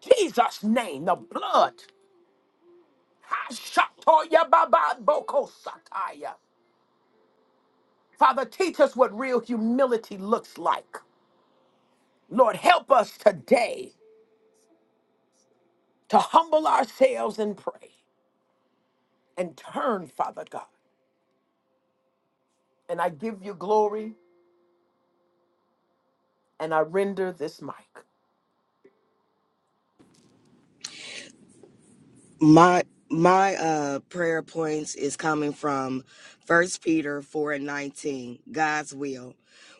Jesus' name, the blood. Hashatoyabababokosataya. Father, teach us what real humility looks like. Lord, help us today to humble ourselves and pray and turn, Father God. And I give you glory and I render this mic.
my my uh prayer points is coming from first peter 4 and 19 god's will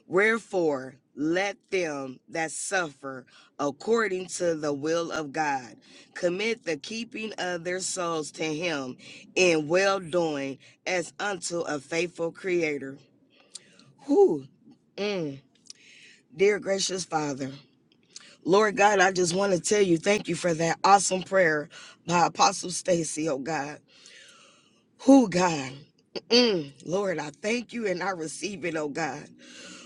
wherefore let them that suffer according to the will of god commit the keeping of their souls to him in well doing as unto a faithful creator who Mm. Dear gracious Father, Lord God, I just want to tell you thank you for that awesome prayer by Apostle Stacy, oh God. Who God? Mm-mm. Lord, I thank you and I receive it, oh God.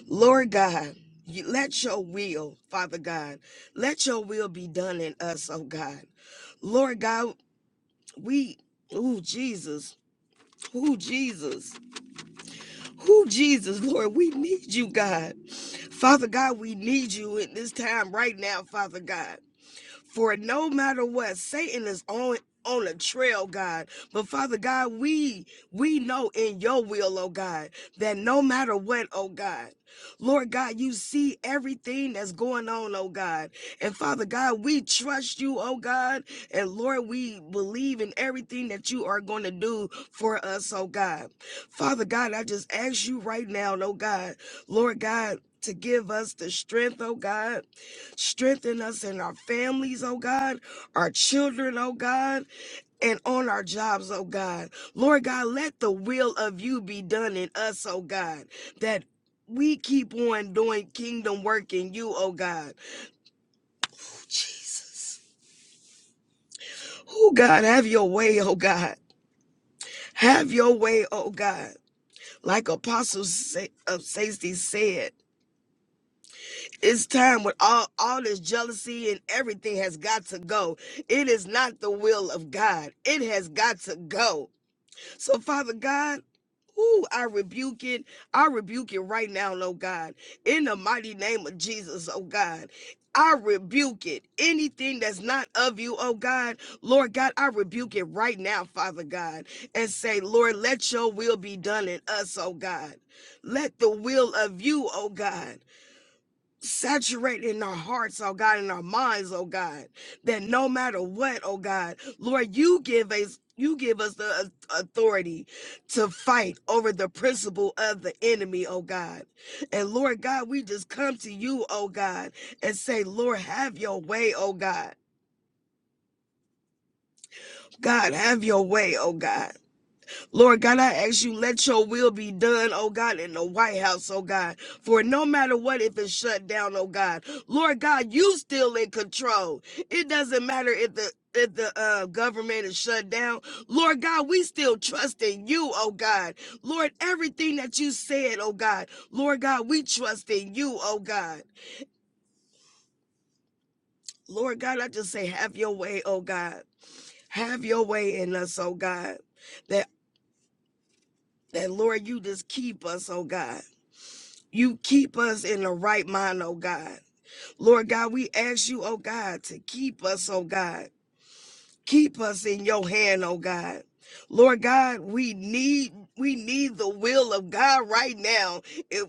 Lord God, you, let your will, Father God, let your will be done in us, oh God. Lord God, we, oh Jesus, who Jesus, who Jesus, Lord, we need you, God. Father God, we need you in this time right now, Father God. For no matter what, Satan is on on a trail, God. But Father God, we we know in your will, oh God, that no matter what, oh God, Lord God, you see everything that's going on, oh God. And Father God, we trust you, oh God. And Lord, we believe in everything that you are going to do for us, oh God. Father God, I just ask you right now, oh God, Lord God, to give us the strength, oh God Strengthen us in our families, oh God, our children, oh God, and on our jobs, oh God. Lord God, let the will of you be done in us, oh God, that we keep on doing kingdom work in you, oh God. Jesus. Oh God, have your way, oh God. Have your way, oh God. Like Apostle Sa- of Safety said. it's time with all all this jealousy and everything has got to go it is not the will of god it has got to go so father god Ooh, I rebuke it. I rebuke it right now, Lord God. In the mighty name of Jesus, oh God. I rebuke it. Anything that's not of you, oh God, Lord God, I rebuke it right now, Father God, and say, Lord, let your will be done in us, oh God. Let the will of you, oh God. Saturate in our hearts, oh God, in our minds, oh God, that no matter what, oh God, Lord, you give us you give us the authority to fight over the principle of the enemy, oh God. And Lord God, we just come to you, oh God, and say, Lord, have your way, oh God. God, have your way, oh God. Lord God, I ask you, let your will be done, oh God, in the White House, oh God. For no matter what, if it's shut down, oh God, Lord God, you still in control. It doesn't matter if the if the uh, government is shut down, Lord God, we still trust in you, oh God. Lord, everything that you said, oh God, Lord God, we trust in you, oh God. Lord God, I just say, have your way, oh God. Have your way in us, oh God. That that Lord, you just keep us, oh God. You keep us in the right mind, oh God. Lord God, we ask you, oh God, to keep us, oh God. Keep us in your hand, oh God. Lord God, we need we need the will of God right now. If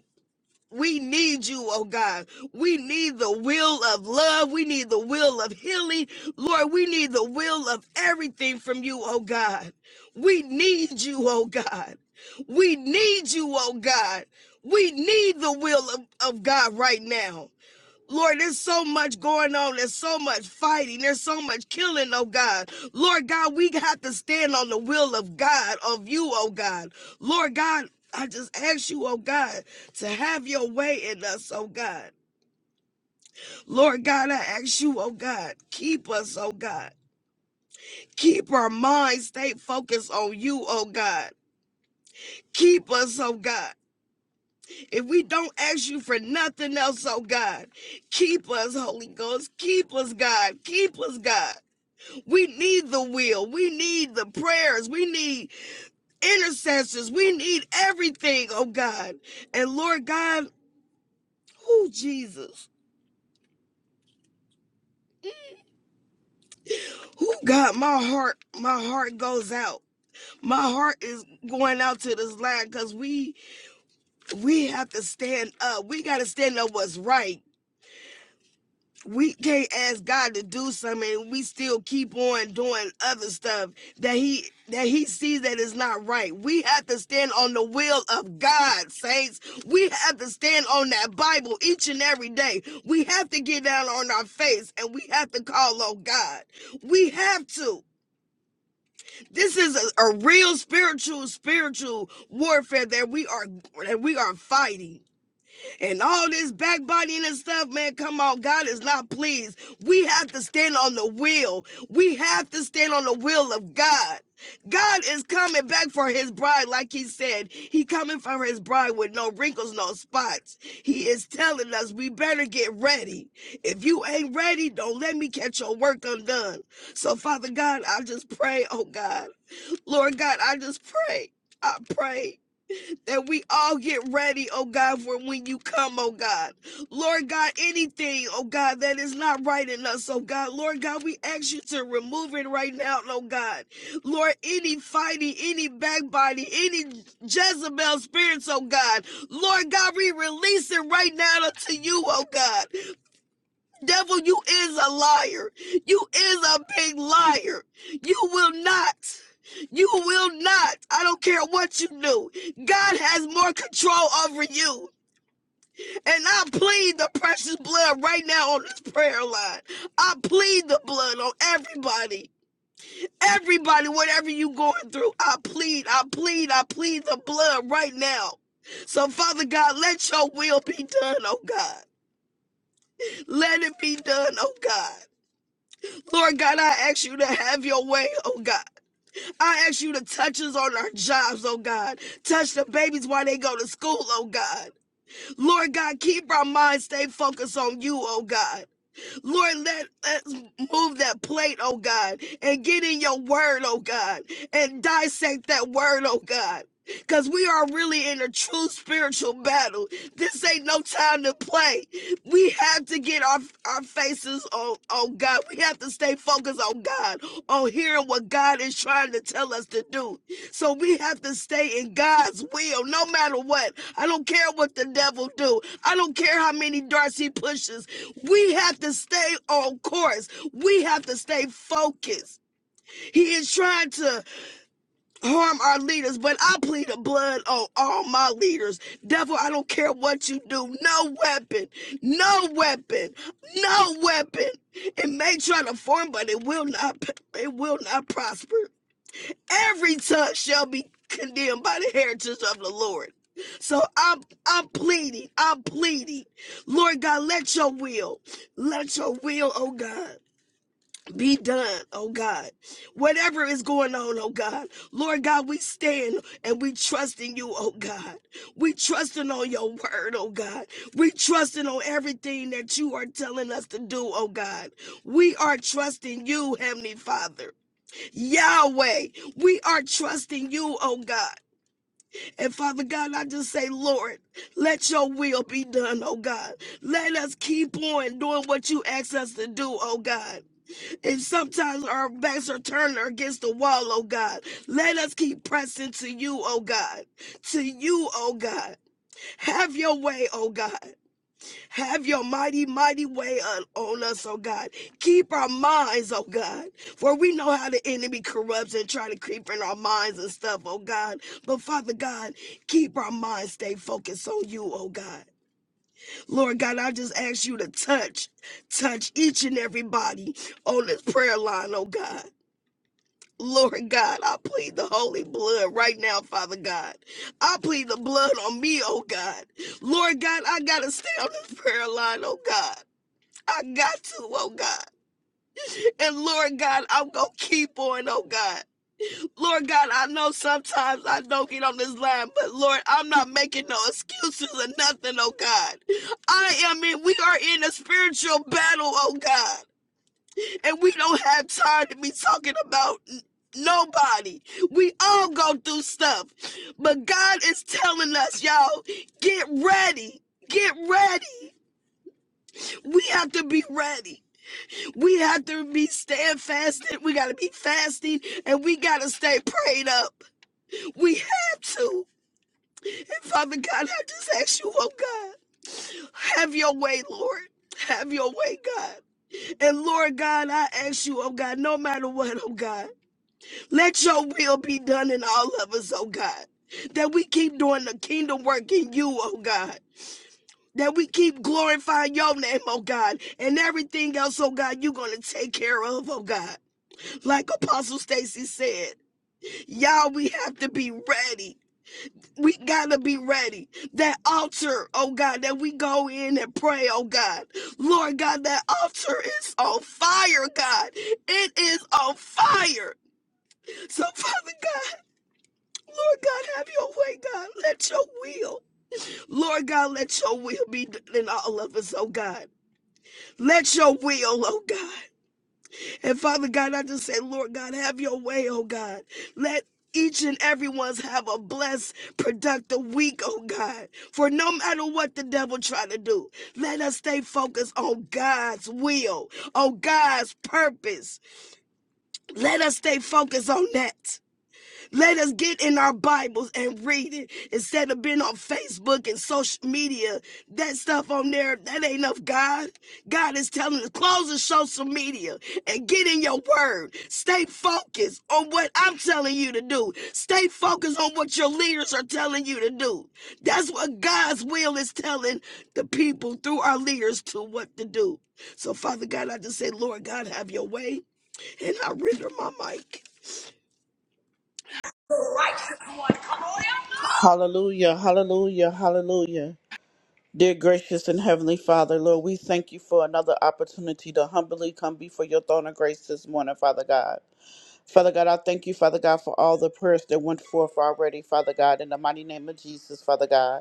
we need you, oh God. We need the will of love. We need the will of healing. Lord, we need the will of everything from you, oh God. We need you, oh God. We need you, oh God. We need the will of, of God right now. Lord, there's so much going on. There's so much fighting. There's so much killing, oh God. Lord God, we have to stand on the will of God, of you, oh God. Lord God, I just ask you, oh God, to have your way in us, oh God. Lord God, I ask you, oh God, keep us, oh God. Keep our minds, stay focused on you, oh God. Keep us, oh God. If we don't ask you for nothing else, oh God, keep us, Holy Ghost. Keep us, God. Keep us, God. We need the will. We need the prayers. We need intercessors. We need everything, oh God. And Lord God, who Jesus? Who God, my heart, my heart goes out. My heart is going out to this land because we we have to stand up. We gotta stand up what's right. we can't ask God to do something and we still keep on doing other stuff that he that he sees that is not right. We have to stand on the will of God, saints. We have to stand on that Bible each and every day. We have to get down on our face and we have to call on God. We have to. This is a, a real spiritual spiritual warfare that we are that we are fighting and all this backbiting and stuff, man, come on. God is not pleased. We have to stand on the will. We have to stand on the will of God. God is coming back for his bride, like he said. He coming for his bride with no wrinkles, no spots. He is telling us we better get ready. If you ain't ready, don't let me catch your work undone. So, Father God, I just pray, oh God. Lord God, I just pray. I pray that we all get ready, oh God, for when you come, oh God. Lord God, anything, oh God, that is not right in us, oh God. Lord God, we ask you to remove it right now, oh God. Lord, any fighting, any backbiting, any Jezebel spirits, oh God. Lord God, we release it right now to you, oh God. Devil, you is a liar. You is a big liar. You will not. You will not. I don't care what you do. God has more control over you. And I plead the precious blood right now on this prayer line. I plead the blood on everybody. Everybody, whatever you going through, I plead, I plead, I plead the blood right now. So, Father God, let your will be done, oh God. Let it be done, oh God. Lord God, I ask you to have your way, oh God. I ask you to touch us on our jobs, oh God. Touch the babies while they go to school, oh God. Lord God, keep our minds stay focused on you, oh God. Lord, let us move that plate, oh God, and get in your word, oh God, and dissect that word, oh God. Because we are really in a true spiritual battle. This ain't no time to play. We have to get our, our faces on, on God. We have to stay focused on God, on hearing what God is trying to tell us to do. So we have to stay in God's will no matter what. I don't care what the devil do. I don't care how many darts he pushes. We have to stay on course. We have to stay focused. He is trying to harm our leaders, but I plead the blood on all my leaders. Devil, I don't care what you do. No weapon, no weapon, no weapon. It may try to form, but it will not. It will not prosper every tongue shall be condemned by the heritage of the Lord. So I'm I'm pleading, I'm pleading. Lord God, let your will, let your will, oh God. Be done, oh God. Whatever is going on, oh God. Lord God, we stand and we trust in you, oh God. We trusting on your word, oh God. We trusting on everything that you are telling us to do, oh God. We are trusting you, Heavenly Father. Yahweh, we are trusting you, oh God. And Father God, I just say, Lord, let your will be done, oh God. Let us keep on doing what you ask us to do, oh God. And sometimes our backs are turned against the wall, oh God. Let us keep pressing to you, oh God. To you, oh God. Have your way, oh God. Have your mighty, mighty way on, on us, oh God. Keep our minds, oh God. For we know how the enemy corrupts and try to creep in our minds and stuff, oh God. But Father God, keep our minds stay focused on you, oh God. Lord God, I just ask you to touch, touch each and everybody on this prayer line, oh God. Lord God, I plead the holy blood right now, Father God. I plead the blood on me, oh God. Lord God, I gotta stay on this prayer line, oh God. I got to, oh God. And Lord God, I'm going to keep on, oh God. Lord God, I know sometimes I don't get on this line, but Lord, I'm not making no excuses or nothing, oh God. I am in, we are in a spiritual battle, oh God. And we don't have time to be talking about nobody. We all go through stuff. But God is telling us, y'all, get ready. Get ready. We have to be ready. We have to be staying fasted. We got to be fasting and we got to stay prayed up. We have to. And Father God, I just ask you, oh God, have your way, Lord. Have your way, God. And Lord God, I ask you, oh God, no matter what, oh God, let your will be done in all of us, oh God. That we keep doing the kingdom work in you, oh God. That we keep glorifying your name, oh God. And everything else, oh God, you're going to take care of, oh God. Like Apostle Stacy said, y'all, we have to be ready. We gotta be ready. That altar, oh God, that we go in and pray, oh God. Lord God, that altar is on fire, God. It is on fire. So, Father God, Lord God, have your way, God. Let your will, Lord God, let your will be done in all of us, oh God. Let your will, oh God. And Father God, I just say, Lord God, have your way, oh God. Let each and every one's have a blessed, productive week, oh God. For no matter what the devil try to do, let us stay focused on God's will, on God's purpose. Let us stay focused on that. Let us get in our Bibles and read it instead of being on Facebook and social media. That stuff on there, that ain't of God. God is telling us close the social media and get in your word. Stay focused on what I'm telling you to do. Stay focused on what your leaders are telling you to do. That's what God's will is telling the people through our leaders to what to do. So, Father God, I just say, Lord God, have your way. And I render my mic.
Hallelujah, hallelujah, hallelujah. Dear gracious and heavenly Father, Lord, we thank you for another opportunity to humbly come before your throne of grace this morning, Father God. Father God, I thank you, Father God, for all the prayers that went forth already, Father God, in the mighty name of Jesus, Father God.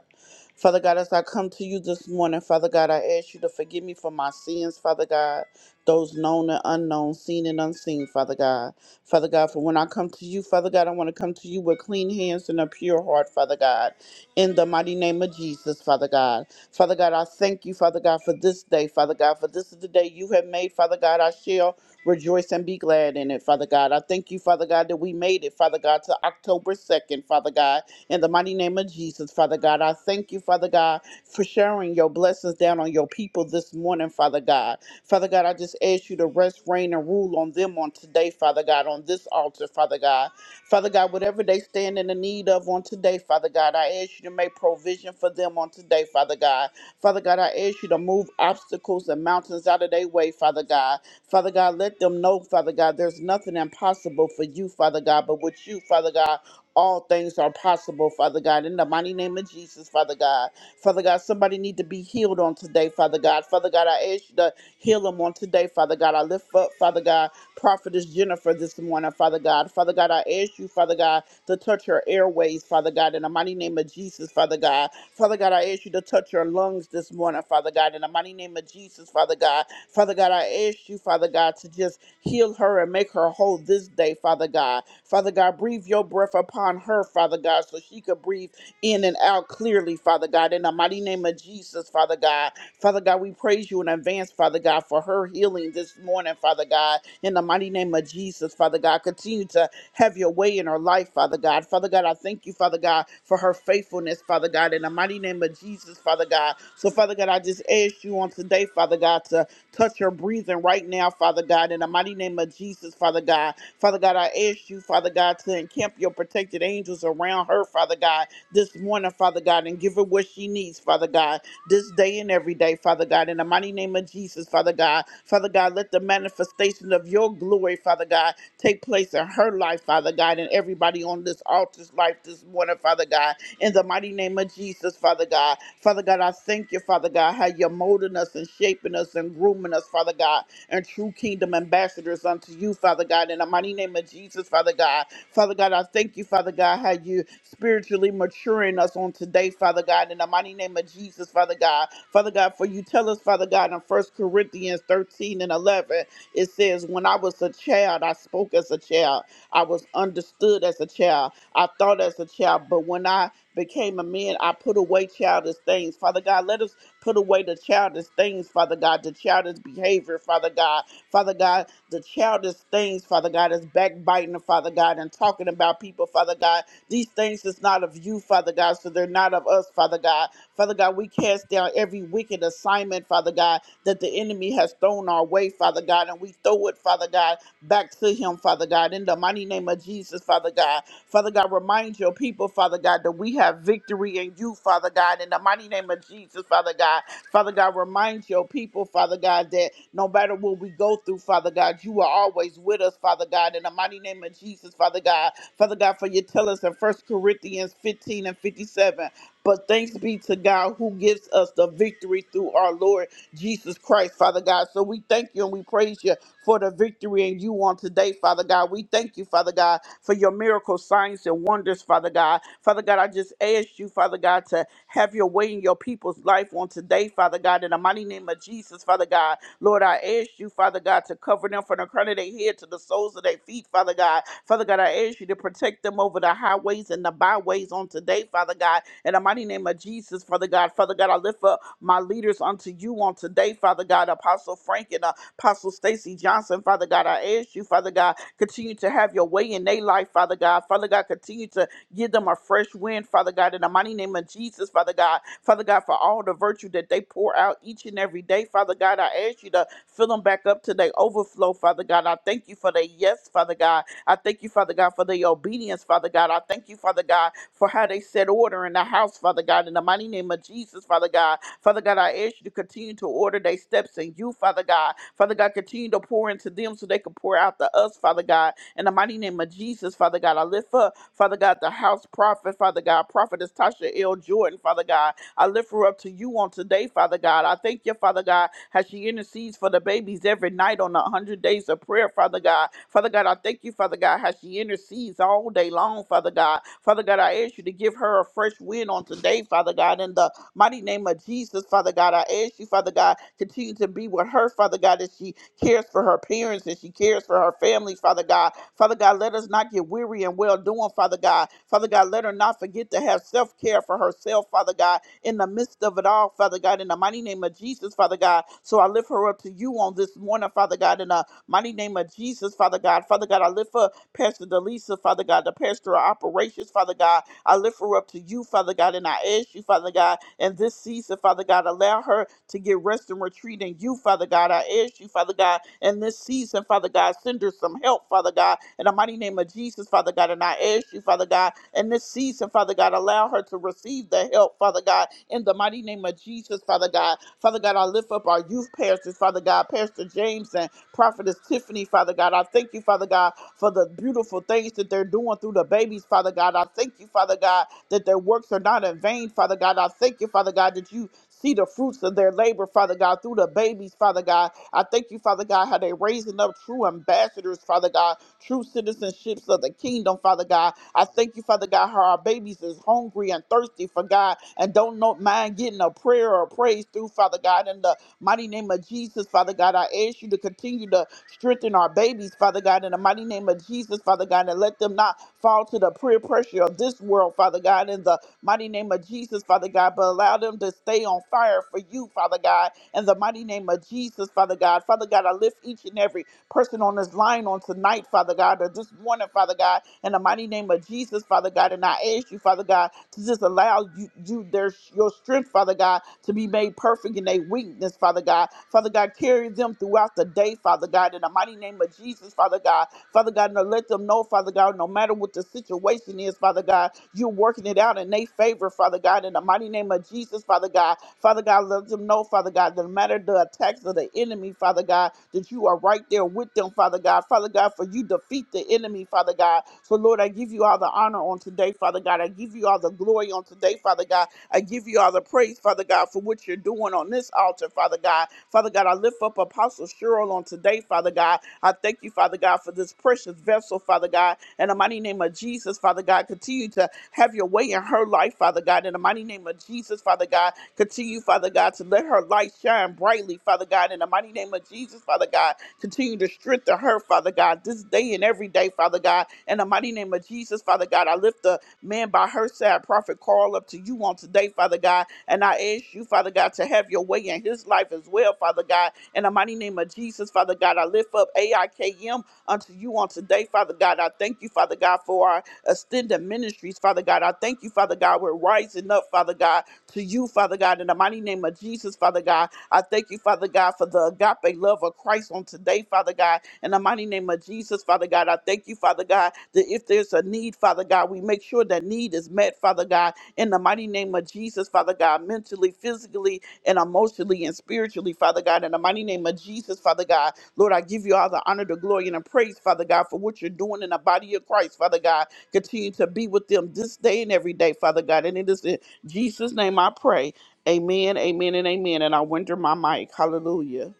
Father God, as I come to you this morning, Father God, I ask you to forgive me for my sins, Father God, those known and unknown, seen and unseen, Father God. Father God, for when I come to you, Father God, I want to come to you with clean hands and a pure heart, Father God, in the mighty name of Jesus, Father God. Father God, I thank you, Father God, for this day, Father God, for this is the day you have made, Father God. I shall Rejoice and be glad in it, Father God. I thank you, Father God, that we made it, Father God, to October 2nd, Father God. In the mighty name of Jesus, Father God, I thank you, Father God, for sharing your blessings down on your people this morning, Father God. Father God, I just ask you to rest, reign, and rule on them on today, Father God, on this altar, Father God. Father God, whatever they stand in the need of on today, Father God, I ask you to make provision for them on today, Father God. Father God, I ask you to move obstacles and mountains out of their way, Father God. Father God, let them know, Father God, there's nothing impossible for you, Father God, but with you, Father God, all things are possible, Father God. In the mighty name of Jesus, Father God. Father God, somebody need to be healed on today, Father God. Father God, I ask you to heal them on today, Father God. I lift up, Father God, Prophetess Jennifer this morning, Father God. Father God, I ask you, Father God, to touch her airways, Father God, in the mighty name of Jesus, Father God. Father God, I ask you to touch her lungs this morning, Father God, in the mighty name of Jesus, Father God. Father God, I ask you, Father God, to just heal her and make her whole this day, Father God. Father God, breathe your breath upon her, Father God, so she could breathe in and out clearly, Father God. In the mighty name of Jesus, Father God. Father God, we praise you in advance, Father God, for her healing this morning, Father God. In the mighty name of Jesus, Father God, continue to have your way in her life, Father God. Father God, I thank you, Father God, for her faithfulness, Father God. In the mighty name of Jesus, Father God. So, Father God, I just ask you on today, Father God, to Touch her breathing right now, Father God, in the mighty name of Jesus, Father God. Father God, I ask you, Father God, to encamp your protected angels around her, Father God, this morning, Father God, and give her what she needs, Father God, this day and every day, Father God, in the mighty name of Jesus, Father God. Father God, let the manifestation of your glory, Father God, take place in her life, Father God, and everybody on this altar's life this morning, Father God in the mighty name of Jesus, Father God. Father God, I thank you, Father God, how you're molding us and shaping us and grooming us, Father God, and true kingdom ambassadors unto you, Father God, in the mighty name of Jesus, Father God. Father God, I thank you, Father God, how you spiritually maturing us on today, Father God, in the mighty name of Jesus, Father God. Father God, for you tell us, Father God, in First Corinthians 13 and 11, it says, When I was a child, I spoke as a child. I was understood as a child. I thought as a child. But when I became a man, I put away childish things. Father God, let us put away the childish things, Father God, the childish behavior, Father God. Father God, the childish things, Father God, is backbiting, Father God, and talking about people, Father God. These things is not of you, Father God, so they're not of us, Father God. Father God, we cast down every wicked assignment, Father God, that the enemy has thrown our way, Father God, and we throw it, Father God, back to him, Father God, in the mighty name of Jesus, Father God. Father God, remind your people, Father God, that we have victory in you, Father God, in the mighty name of Jesus, Father God. Father God, remind your people, Father God, that no matter what we go through, Father God, you are always with us, Father God, in the mighty name of Jesus, Father God. Father God, for you tell us in First Corinthians 15 and 57, but thanks be to God who gives us the victory through our Lord Jesus Christ, Father God. So we thank you and we praise you for the victory in you on today, Father God. We thank you, Father God, for your miracle signs and wonders, Father God. Father God, I just ask you, Father God, to have your way in your people's life on today, Father God, in the mighty name of Jesus, Father God. Lord, I ask you, Father God, to cover them from the crown of their head to the soles of their feet, Father God. Father God, I ask you to protect them over the highways and the byways on today, Father God. In the mighty name of Jesus, Father God. Father God, I lift up my leaders unto you on today, Father God. Apostle Frank and uh, Apostle Stacy Johnson, Father God, I ask you, Father God, continue to have your way in their life, Father God. Father God, continue to give them a fresh wind, Father God, in the mighty name of Jesus, Father God. Father God, for all the virtue that they pour out each and every day, Father God, I ask you to fill them back up to their overflow, Father God. I thank you for their yes, Father God. I thank you, Father God, for their obedience, Father God. I thank you, Father God, for how they set order in the house, Father God, in the mighty name of Jesus, Father God. Father God, I ask you to continue to order their steps in you, Father God. Father God, continue to pour into them so they can pour out to us, Father God. In the mighty name of Jesus, Father God, I lift up, Father God, the house prophet, Father God, prophetess Tasha L. Jordan, Father God. I lift her up to you on today, Father God. I thank you, Father God, as she intercedes for the babies every night on the 100 days of prayer, Father God. Father God, I thank you, Father God, how she intercedes all day long, Father God. Father God, I ask you to give her a fresh wind on today, Father God, in the Mighty name of Jesus, Father God, I ask you, Father God, continue to be with her, Father God, as she cares for her parents and she cares for her family, Father God. Father God, let us not get weary and well doing, Father God. Father God, let her not forget to have self care for herself, Father God, in the midst of it all, Father God, in the mighty name of Jesus, Father God. So I lift her up to you on this morning, Father God, in the mighty name of Jesus, Father God. Father God, I lift up Pastor Delisa, Father God, the pastor of operations, Father God. I lift her up to you, Father God, and I ask you, Father God, in this season, Father God, allow her to get rest and retreat in you, Father God. I ask you, Father God, in this season, Father God, send her some help, Father God, in the mighty name of Jesus, Father God. And I ask you, Father God, in this season, Father God, allow her to receive the help, Father God, in the mighty name of Jesus, Father God. Father God, I lift up our youth pastors, Father God, Pastor James and Prophetess Tiffany, Father God. I thank you, Father God for the beautiful things that they're doing through the babies, Father God. I thank you, Father God, that their works are not in vain, Father God. I thank you, Father God, that you see the fruits of their labor, Father God, through the babies, Father God. I thank you, Father God, how they're raising up true ambassadors, Father God, true citizenships of the kingdom, Father God. I thank you, Father God, how our babies is hungry and thirsty for God and don't not mind getting a prayer or praise through, Father God. In the mighty name of Jesus, Father God, I ask you to continue to Strengthen our babies, Father God, in the mighty name of Jesus, Father God, and let them not fall to the peer pressure of this world, Father God, in the mighty name of Jesus, Father God, but allow them to stay on fire for you, Father God, in the mighty name of Jesus, Father God. Father God, I lift each and every person on this line on tonight, Father God, or this morning, Father God, in the mighty name of Jesus, Father God. And I ask you, Father God, to just allow you, you their your strength, Father God, to be made perfect in their weakness, Father God. Father God, carry them throughout the day, Father God, in the mighty name of Jesus, Father God. Father God, now let them know, Father God, no matter what the situation is, Father God, you're working it out in their favor, Father God, in the mighty name of Jesus, Father God. Father God, let them know, Father God, that no matter the attacks of the enemy, Father God, that you are right there with them, Father God. Father God, for you defeat the enemy, Father God. So, Lord, I give you all the honor on today, Father God. I give you all the glory on today, Father God. I give you all the praise, Father God, for what you're doing on this altar, Father God. Father God, I lift up Apostle Cheryl on today, Father God. I thank you, Father God, for this precious vessel, Father God. In the mighty name of Jesus, Father God, continue to have your way in her life, Father God. In the mighty name of Jesus, Father God, continue, Father God, to let her light shine brightly, Father God. In the mighty name of Jesus, Father God, continue to strengthen her, Father God, this day and every day, Father God. In the mighty name of Jesus, Father God, I lift the Man, by her side, Prophet Carl, up to you on today, Father God. And I ask you, Father God, to have your way in his life as well, Father God. In the mighty name of Jesus, Father God, I lift up AIKM unto you on today, Father God. I thank you, Father God, for our extended ministries, Father God. I thank you, Father God. We're rising up, Father God, to you, Father God. In the mighty name of Jesus, Father God. I thank you, Father God, for the agape love of Christ on today, Father God. In the mighty name of Jesus, Father God, I thank you, Father God, that if there's a need, Father God, we make sure that need is met, Father God. In the mighty name of Jesus, Father God, mentally, physically, and emotionally and spiritually, Father God. In the mighty name of Jesus, Father God, Lord, I give you all the honor, the glory, and the praise, Father God, for what you're doing in the body of Christ, Father God. Continue to be with them this day and every day, Father God. And it is in Jesus' name I pray. Amen, amen, and amen. And I wonder my mic. Hallelujah.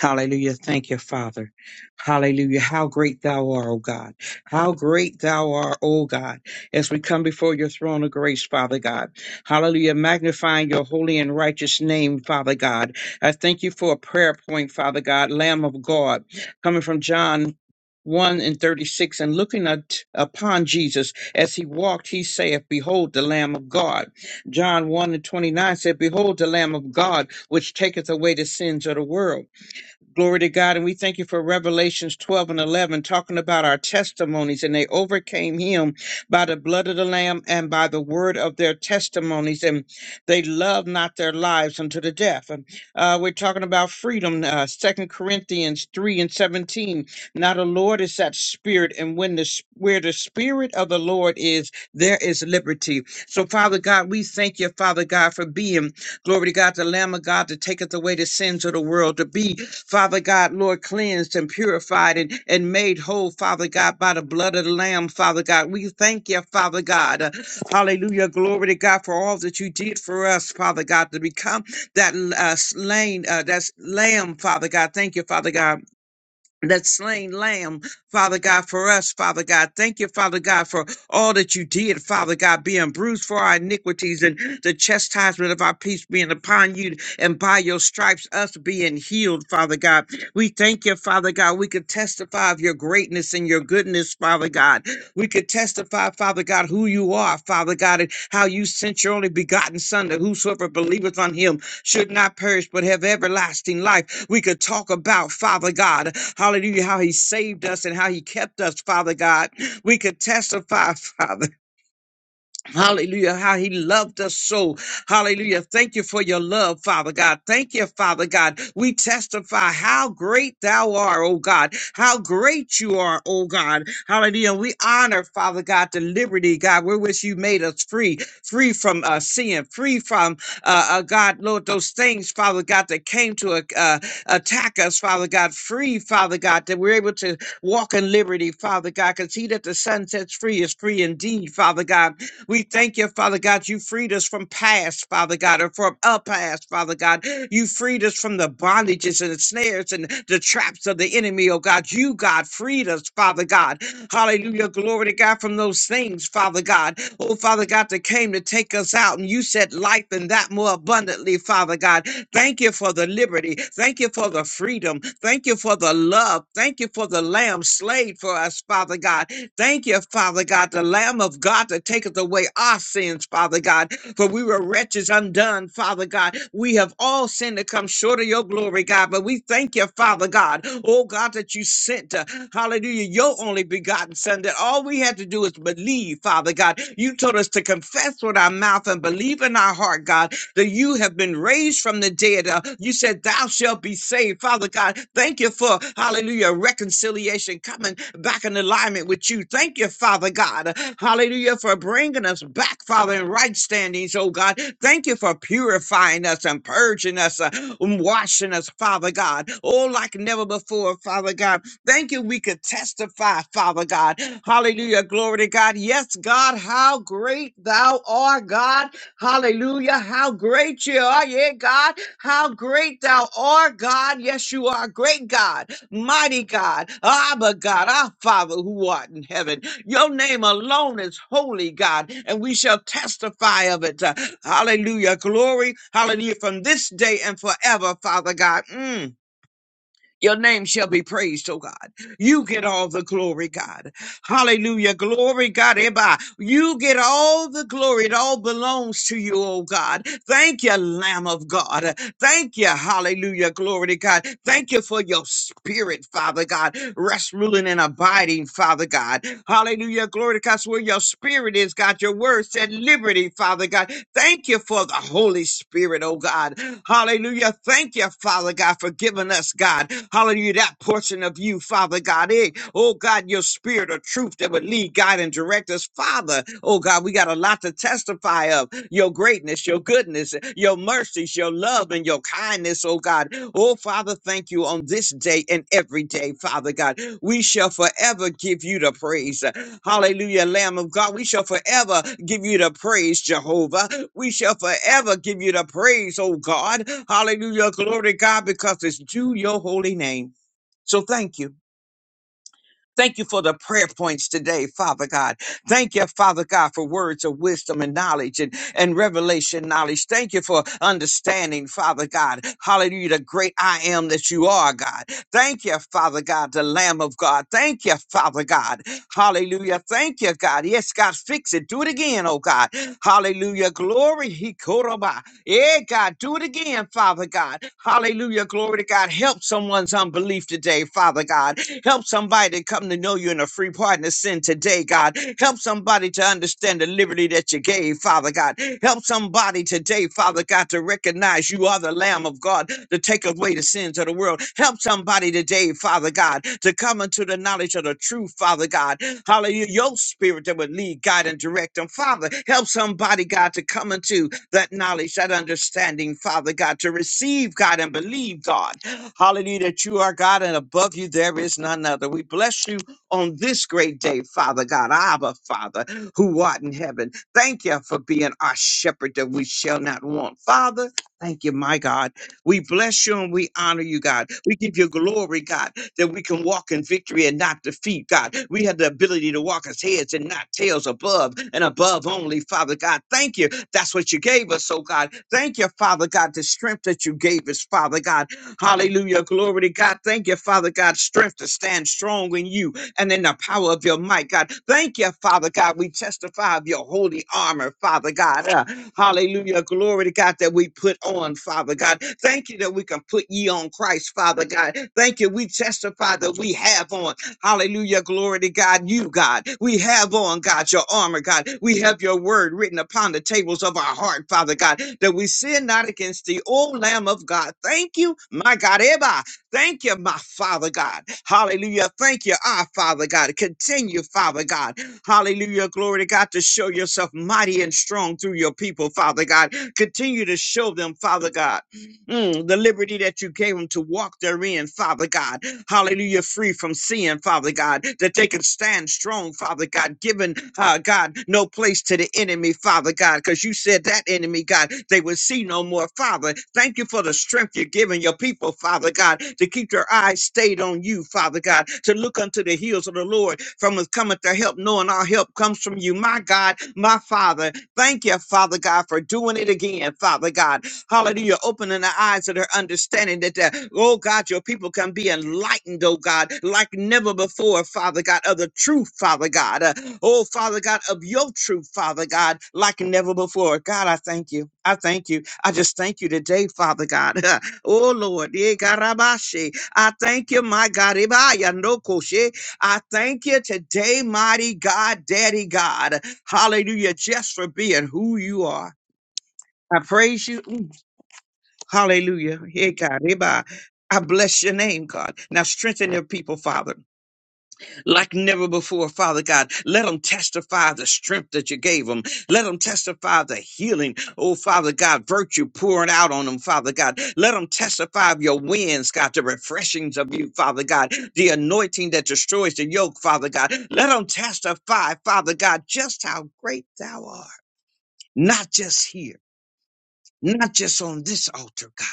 Hallelujah. Thank you, Father. Hallelujah. How great thou art, O God. How great thou art, O God, as we come before your throne of grace, Father God. Hallelujah. Magnifying your holy and righteous name, Father God. I thank you for a prayer point, Father God, Lamb of God, coming from John. 1 and 36 and looking at, upon Jesus as he walked he saith behold the lamb of God John 1 and 29 said behold the lamb of God which taketh away the sins of the world Glory to God. And we thank you for Revelations 12 and 11, talking about our testimonies. And they overcame him by the blood of the Lamb and by the word of their testimonies. And they loved not their lives unto the death. And, Uh, we're talking about freedom, uh, 2 Corinthians 3 and 17. Now the Lord is that spirit. And when the s- where the spirit of the Lord is, there is liberty. So, Father God, we thank you, Father God, for being Glory to God, the Lamb of God that taketh away the sins of the world, to be, Father God, Lord, cleansed and purified and, and made whole, Father God, by the blood of the Lamb, Father God. We thank you, Father God. Uh, Hallelujah. Glory to God for all that you did for us, Father God, to become that uh, slain, uh, that's lamb, Father God. Thank you, Father God that slain lamb, Father God, for us, Father God. Thank you, Father God, for all that you did, Father God, being bruised for our iniquities and the chastisement of our peace being upon you, and by your stripes, us being healed, Father God. We thank you, Father God. We could testify of your greatness and your goodness, Father God. We could testify, Father God, who you are, Father God, and how you sent your only begotten Son, that whosoever believeth on him should not perish but have everlasting life. We could talk about, Father God, hallelujah, how he saved us and how he kept us, Father God. We could testify, Father. Hallelujah. How he loved us so. Hallelujah. Thank you for your love, Father God. Thank you, Father God. We testify how great thou art, oh God. How great you are, oh God. Hallelujah. We honor, Father God, the liberty, God, wherewith you made us free, free from uh, sin, free from, uh, uh, God, Lord, those things, Father God, that came to uh, uh, attack us, Father God, free, Father God, that we're able to walk in liberty, Father God, because he that the Son sets free is free indeed, Father God. We thank you, Father God. You freed us from past, Father God, and from a past, Father God. You freed us from the bondages and the snares and the traps of the enemy, oh God. You, God, freed us, Father God. Hallelujah. Glory to God from those things, Father God. Oh, Father God, that came to take us out, and you said life and that more abundantly, Father God. Thank you for the liberty. Thank you for the freedom. Thank you for the love. Thank you for the lamb slayed for us, Father God. Thank you, Father God, the Lamb of God that taketh away our sins, Father God. For we were wretches undone, Father God. We have all sinned to come short of your glory, God. But we thank you, Father God. Oh God, that you sent, uh, hallelujah, your only begotten Son, that all we had to do is believe, Father God. You told us to confess with our mouth and believe in our heart, God, that you have been raised from the dead. Uh, you said, Thou shalt be saved. Father God, thank you for, hallelujah, reconciliation coming back in alignment with you. Thank you, Father God, hallelujah, for bringing us back, Father, in right standings, oh God. Thank you for purifying us and purging us, uh, and washing us, Father God, oh, like never before, Father God. Thank you, we could testify, Father God. Hallelujah, glory to God. Yes, God, how great thou art, God. Hallelujah, how great you are, yeah, God. How great thou art, God. Yes, you are great God, mighty God, Abba God, our Father who art in heaven. Your name alone is holy, God, and we shall testify of it. Uh, Hallelujah. Glory. Hallelujah. From this day and forever, Father God. Mm. Your name shall be praised, oh God. You get all the glory, God. Hallelujah. Glory, God. Eba. You get all the glory. It all belongs to you, oh God. Thank you, Lamb of God. Thank you. Hallelujah. Glory to God. Thank you for your spirit, Father God. Rest, ruling, and abiding, Father God. Hallelujah. Glory to God. So where your spirit is, God, your word said liberty, Father God. Thank you for the Holy Spirit, oh God. Hallelujah. Thank you, Father God, for giving us God. Hallelujah. That portion of you, Father God. Eh, oh God, your spirit of truth that would lead, guide, and direct us, Father. Oh God, we got a lot to testify of your greatness, your goodness, your mercies, your love, and your kindness, oh God. Oh Father, thank you on this day and every day, Father God. We shall forever give you the praise. Hallelujah, Lamb of God. We shall forever give you the praise, Jehovah. We shall forever give you the praise, oh God. Hallelujah, glory to God, because it's due your holy name. So thank you. Thank you for the prayer points today, Father God. Thank you, Father God, for words of wisdom and knowledge and, and revelation knowledge. Thank you for understanding, Father God. Hallelujah, the great I am that you are, God. Thank you, Father God, the Lamb of God. Thank you, Father God. Hallelujah. Thank you, God. Yes, God, fix it. Do it again, oh God. Hallelujah. Glory. He yeah, God, do it again, Father God. Hallelujah. Glory to God. Help someone's unbelief today, Father God. Help somebody to come to know you in a free pardon of sin today, God. Help somebody to understand the liberty that you gave, Father God. Help somebody today, Father God, to recognize you are the Lamb of God to take away the sins of the world. Help somebody today, Father God, to come into the knowledge of the truth, Father God. Hallelujah. Your spirit that would lead, guide, and direct them. Father, help somebody, God, to come into that knowledge, that understanding, Father God, to receive God and believe God. Hallelujah, that you are God and above you there is none other. We bless you on this great day, Father God, Abba, Father, who art in heaven. Thank you for being our shepherd that we shall not want. Father, thank you, my God. We bless you and we honor you, God. We give you glory, God that we can walk in victory and not defeat, God. We have the ability to walk as heads and not tails above and above only, Father God. Thank you. That's what you gave us, oh God. Thank you, Father God, the strength that you gave us, Father God. Hallelujah. Glory to God. Thank you, Father God, strength to stand strong in you and in the power of your might, God. Thank you, Father God. We testify of your holy armor, Father God. Uh, hallelujah. Glory to God that we put on, Father God. Thank you that we can put ye on Christ, Father God. Thank you. We testify that we have on Hallelujah. Glory to God. You, God. We have on, God, your armor, God. We have your word written upon the tables of our heart, Father God, that we sin not against thee, O Lamb of God. Thank you, my God. Eba. Thank you, my Father God. Hallelujah. Thank you, our Father God. Continue, Father God. Hallelujah. Glory to God to show yourself mighty and strong through your people, Father God. Continue to show them, Father God, mm, the liberty that you gave them to walk therein, Father God hallelujah, free from sin, Father God, that they can stand strong, Father God, giving, uh, God, no place to the enemy, Father God, because you said that enemy, God, they will see no more, Father. Thank you for the strength you're giving your people, Father God, to keep their eyes stayed on you, Father God, to look unto the heels of the Lord from whence cometh their help, knowing our help comes from you, my God, my Father. Thank you, Father God, for doing it again, Father God. Hallelujah. You're opening the eyes of their understanding that, uh, oh God, your people can be enlightened, oh God, like never before, Father God, of the truth, Father God. Uh, oh, Father God, of your truth, Father God, like never before. God, I thank you. I thank you. I just thank you today, Father God. oh, Lord. yeah, garabashi. I thank you, my God. Ibaya no koshe. I thank you today, mighty God, Daddy God. Hallelujah, just for being who you are. I praise you. Hallelujah. Hey, God. hey, bye. I bless your name, God. Now strengthen your people, Father, like never before, Father God. Let them testify the strength that you gave them. Let them testify the healing, oh, Father God, virtue pouring out on them, Father God. Let them testify of your winds, God, the refreshings of you, Father God, the anointing that destroys the yoke, Father God. Let them testify, Father God, just how great thou art, not just here, not just on this altar, God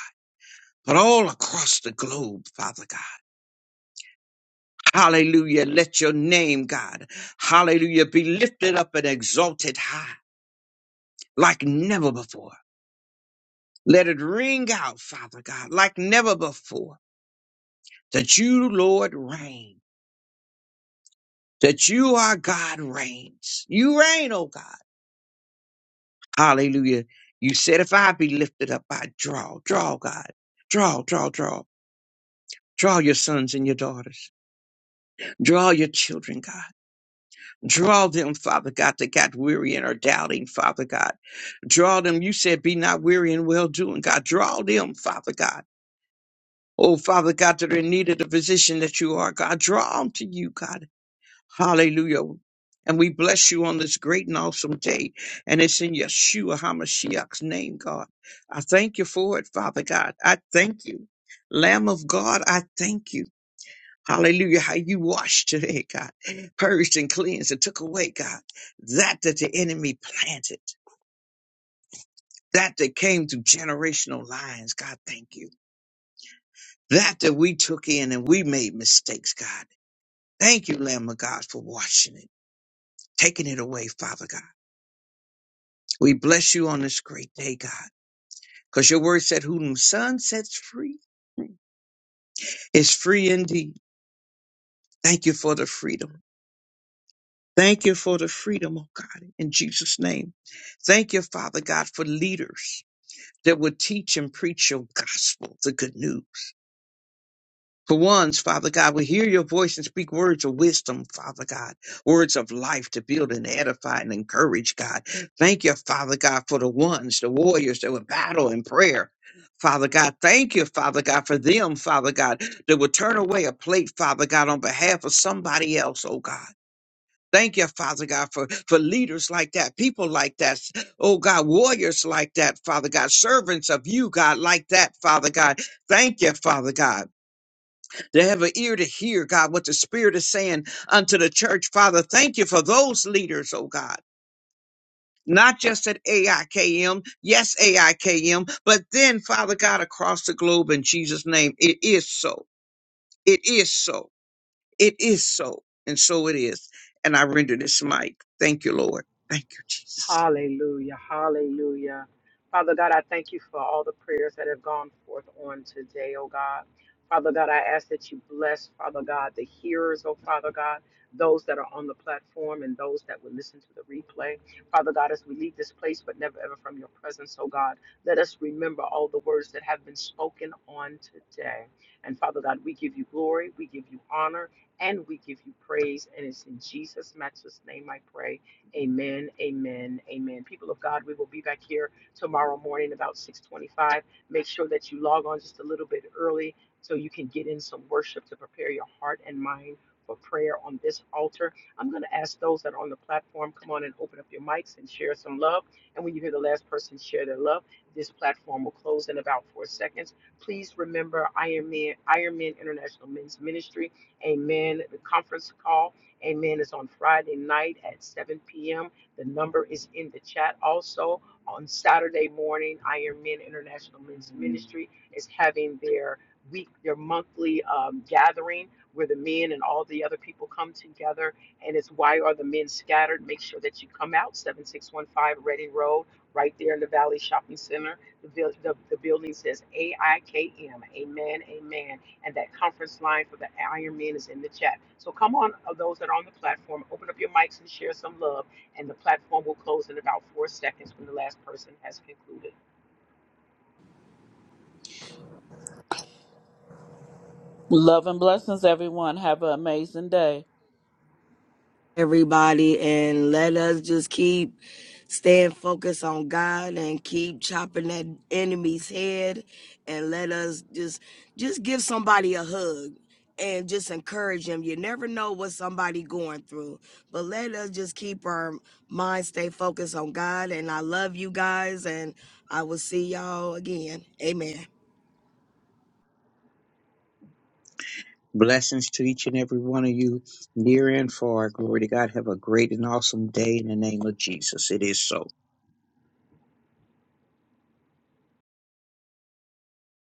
but all across the globe, Father God. Hallelujah. Let your name, God, hallelujah, be lifted up and exalted high like never before. Let it ring out, Father God, like never before, that you, Lord, reign, that you, our God, reigns. You reign, oh God. Hallelujah. You said, if I be lifted up, I draw, draw, God, draw, draw, draw, draw your sons and your daughters, draw your children, God. Draw them, Father God, that got weary and are doubting, Father God. Draw them. You said, be not weary in well doing, God. Draw them, Father God. Oh, Father God, that are in need of the physician that you are, God. Draw them to you, God. Hallelujah. And we bless you on this great and awesome day. And it's in Yeshua HaMashiach's name, God. I thank you for it, Father God. I thank you. Lamb of God, I thank you. Hallelujah. How you washed today, God. Purged and cleansed and took away, God, that that the enemy planted, that that came through generational lines. God, thank you. That that we took in and we made mistakes, God. Thank you, Lamb of God, for washing it, taking it away, Father God. We bless you on this great day, God, because your word said, Whom the Son sets free is free indeed. Thank you for the freedom. Thank you for the freedom, oh God, in Jesus' name. Thank you, Father God, for leaders that will teach and preach your gospel, the good news. For ones, Father God, will hear your voice and speak words of wisdom, Father God, words of life to build and edify and encourage, God. Thank you, Father God, for the ones, the warriors that will battle in prayer. Father God, thank you, Father God, for them, Father God, that will turn away a plate, Father God, on behalf of somebody else, oh God. Thank you, Father God, for, for leaders like that, people like that. Oh God, warriors like that, Father God, servants of you, God, like that, Father God. Thank you, Father God. They have an ear to hear, God, what the Spirit is saying unto the church, Father. Thank you for those leaders, oh God. Not just at AIKM, yes, AIKM, but then, Father God, across the globe in Jesus' name. It is so. It is so. It is so, and so it is. And I render this mic. Thank you, Lord. Thank you, Jesus.
Hallelujah. Hallelujah. Father God, I thank you for all the prayers that have gone forth on today, oh God. Father God, I ask that you bless, Father God, the hearers, oh Father God, those that are on the platform and those that will listen to the replay. Father God, as we leave this place, but never ever from your presence, oh God, let us remember all the words that have been spoken on today. And Father God, we give you glory, we give you honor, and we give you praise. And it's in Jesus' matchless name I pray. Amen, amen, amen. People of God, we will be back here tomorrow morning about 6:25. Make sure that you log on just a little bit early so you can get in some worship to prepare your heart and mind for prayer on this altar. I'm going to ask those that are on the platform, come on and open up your mics and share some love. And when you hear the last person share their love, this platform will close in about four seconds. Please remember Iron Man, Iron Man International Men's Ministry. Amen. The conference call Amen. It's on Friday night at 7 p.m. The number is in the chat. Also, on Saturday morning, Iron Men International Men's Ministry is having their week, their monthly um, gathering where the men and all the other people come together. And it's Why Are the Men Scattered? Make sure that you come out, 7615 Reading Road, right there in the Valley Shopping Center. The, buil- the, the building says AIKM. Amen. Amen and that conference line for the Ironman is in the chat. So come on, uh, those that are on the platform, open up your mics and share some love, and the platform will close in about four seconds when the last person has concluded.
Love and blessings, everyone. Have an amazing day.
everybody and let us just keep staying focused on God and keep chopping that enemy's head and let us just just give somebody a hug and just encourage them. You never know what somebody going through. But let us just keep our mind stay focused on God and I love you guys and I will see y'all again. Amen.
Blessings to each and every one of you, near and far. Glory to God. Have a great and awesome day in the name of Jesus. It is so.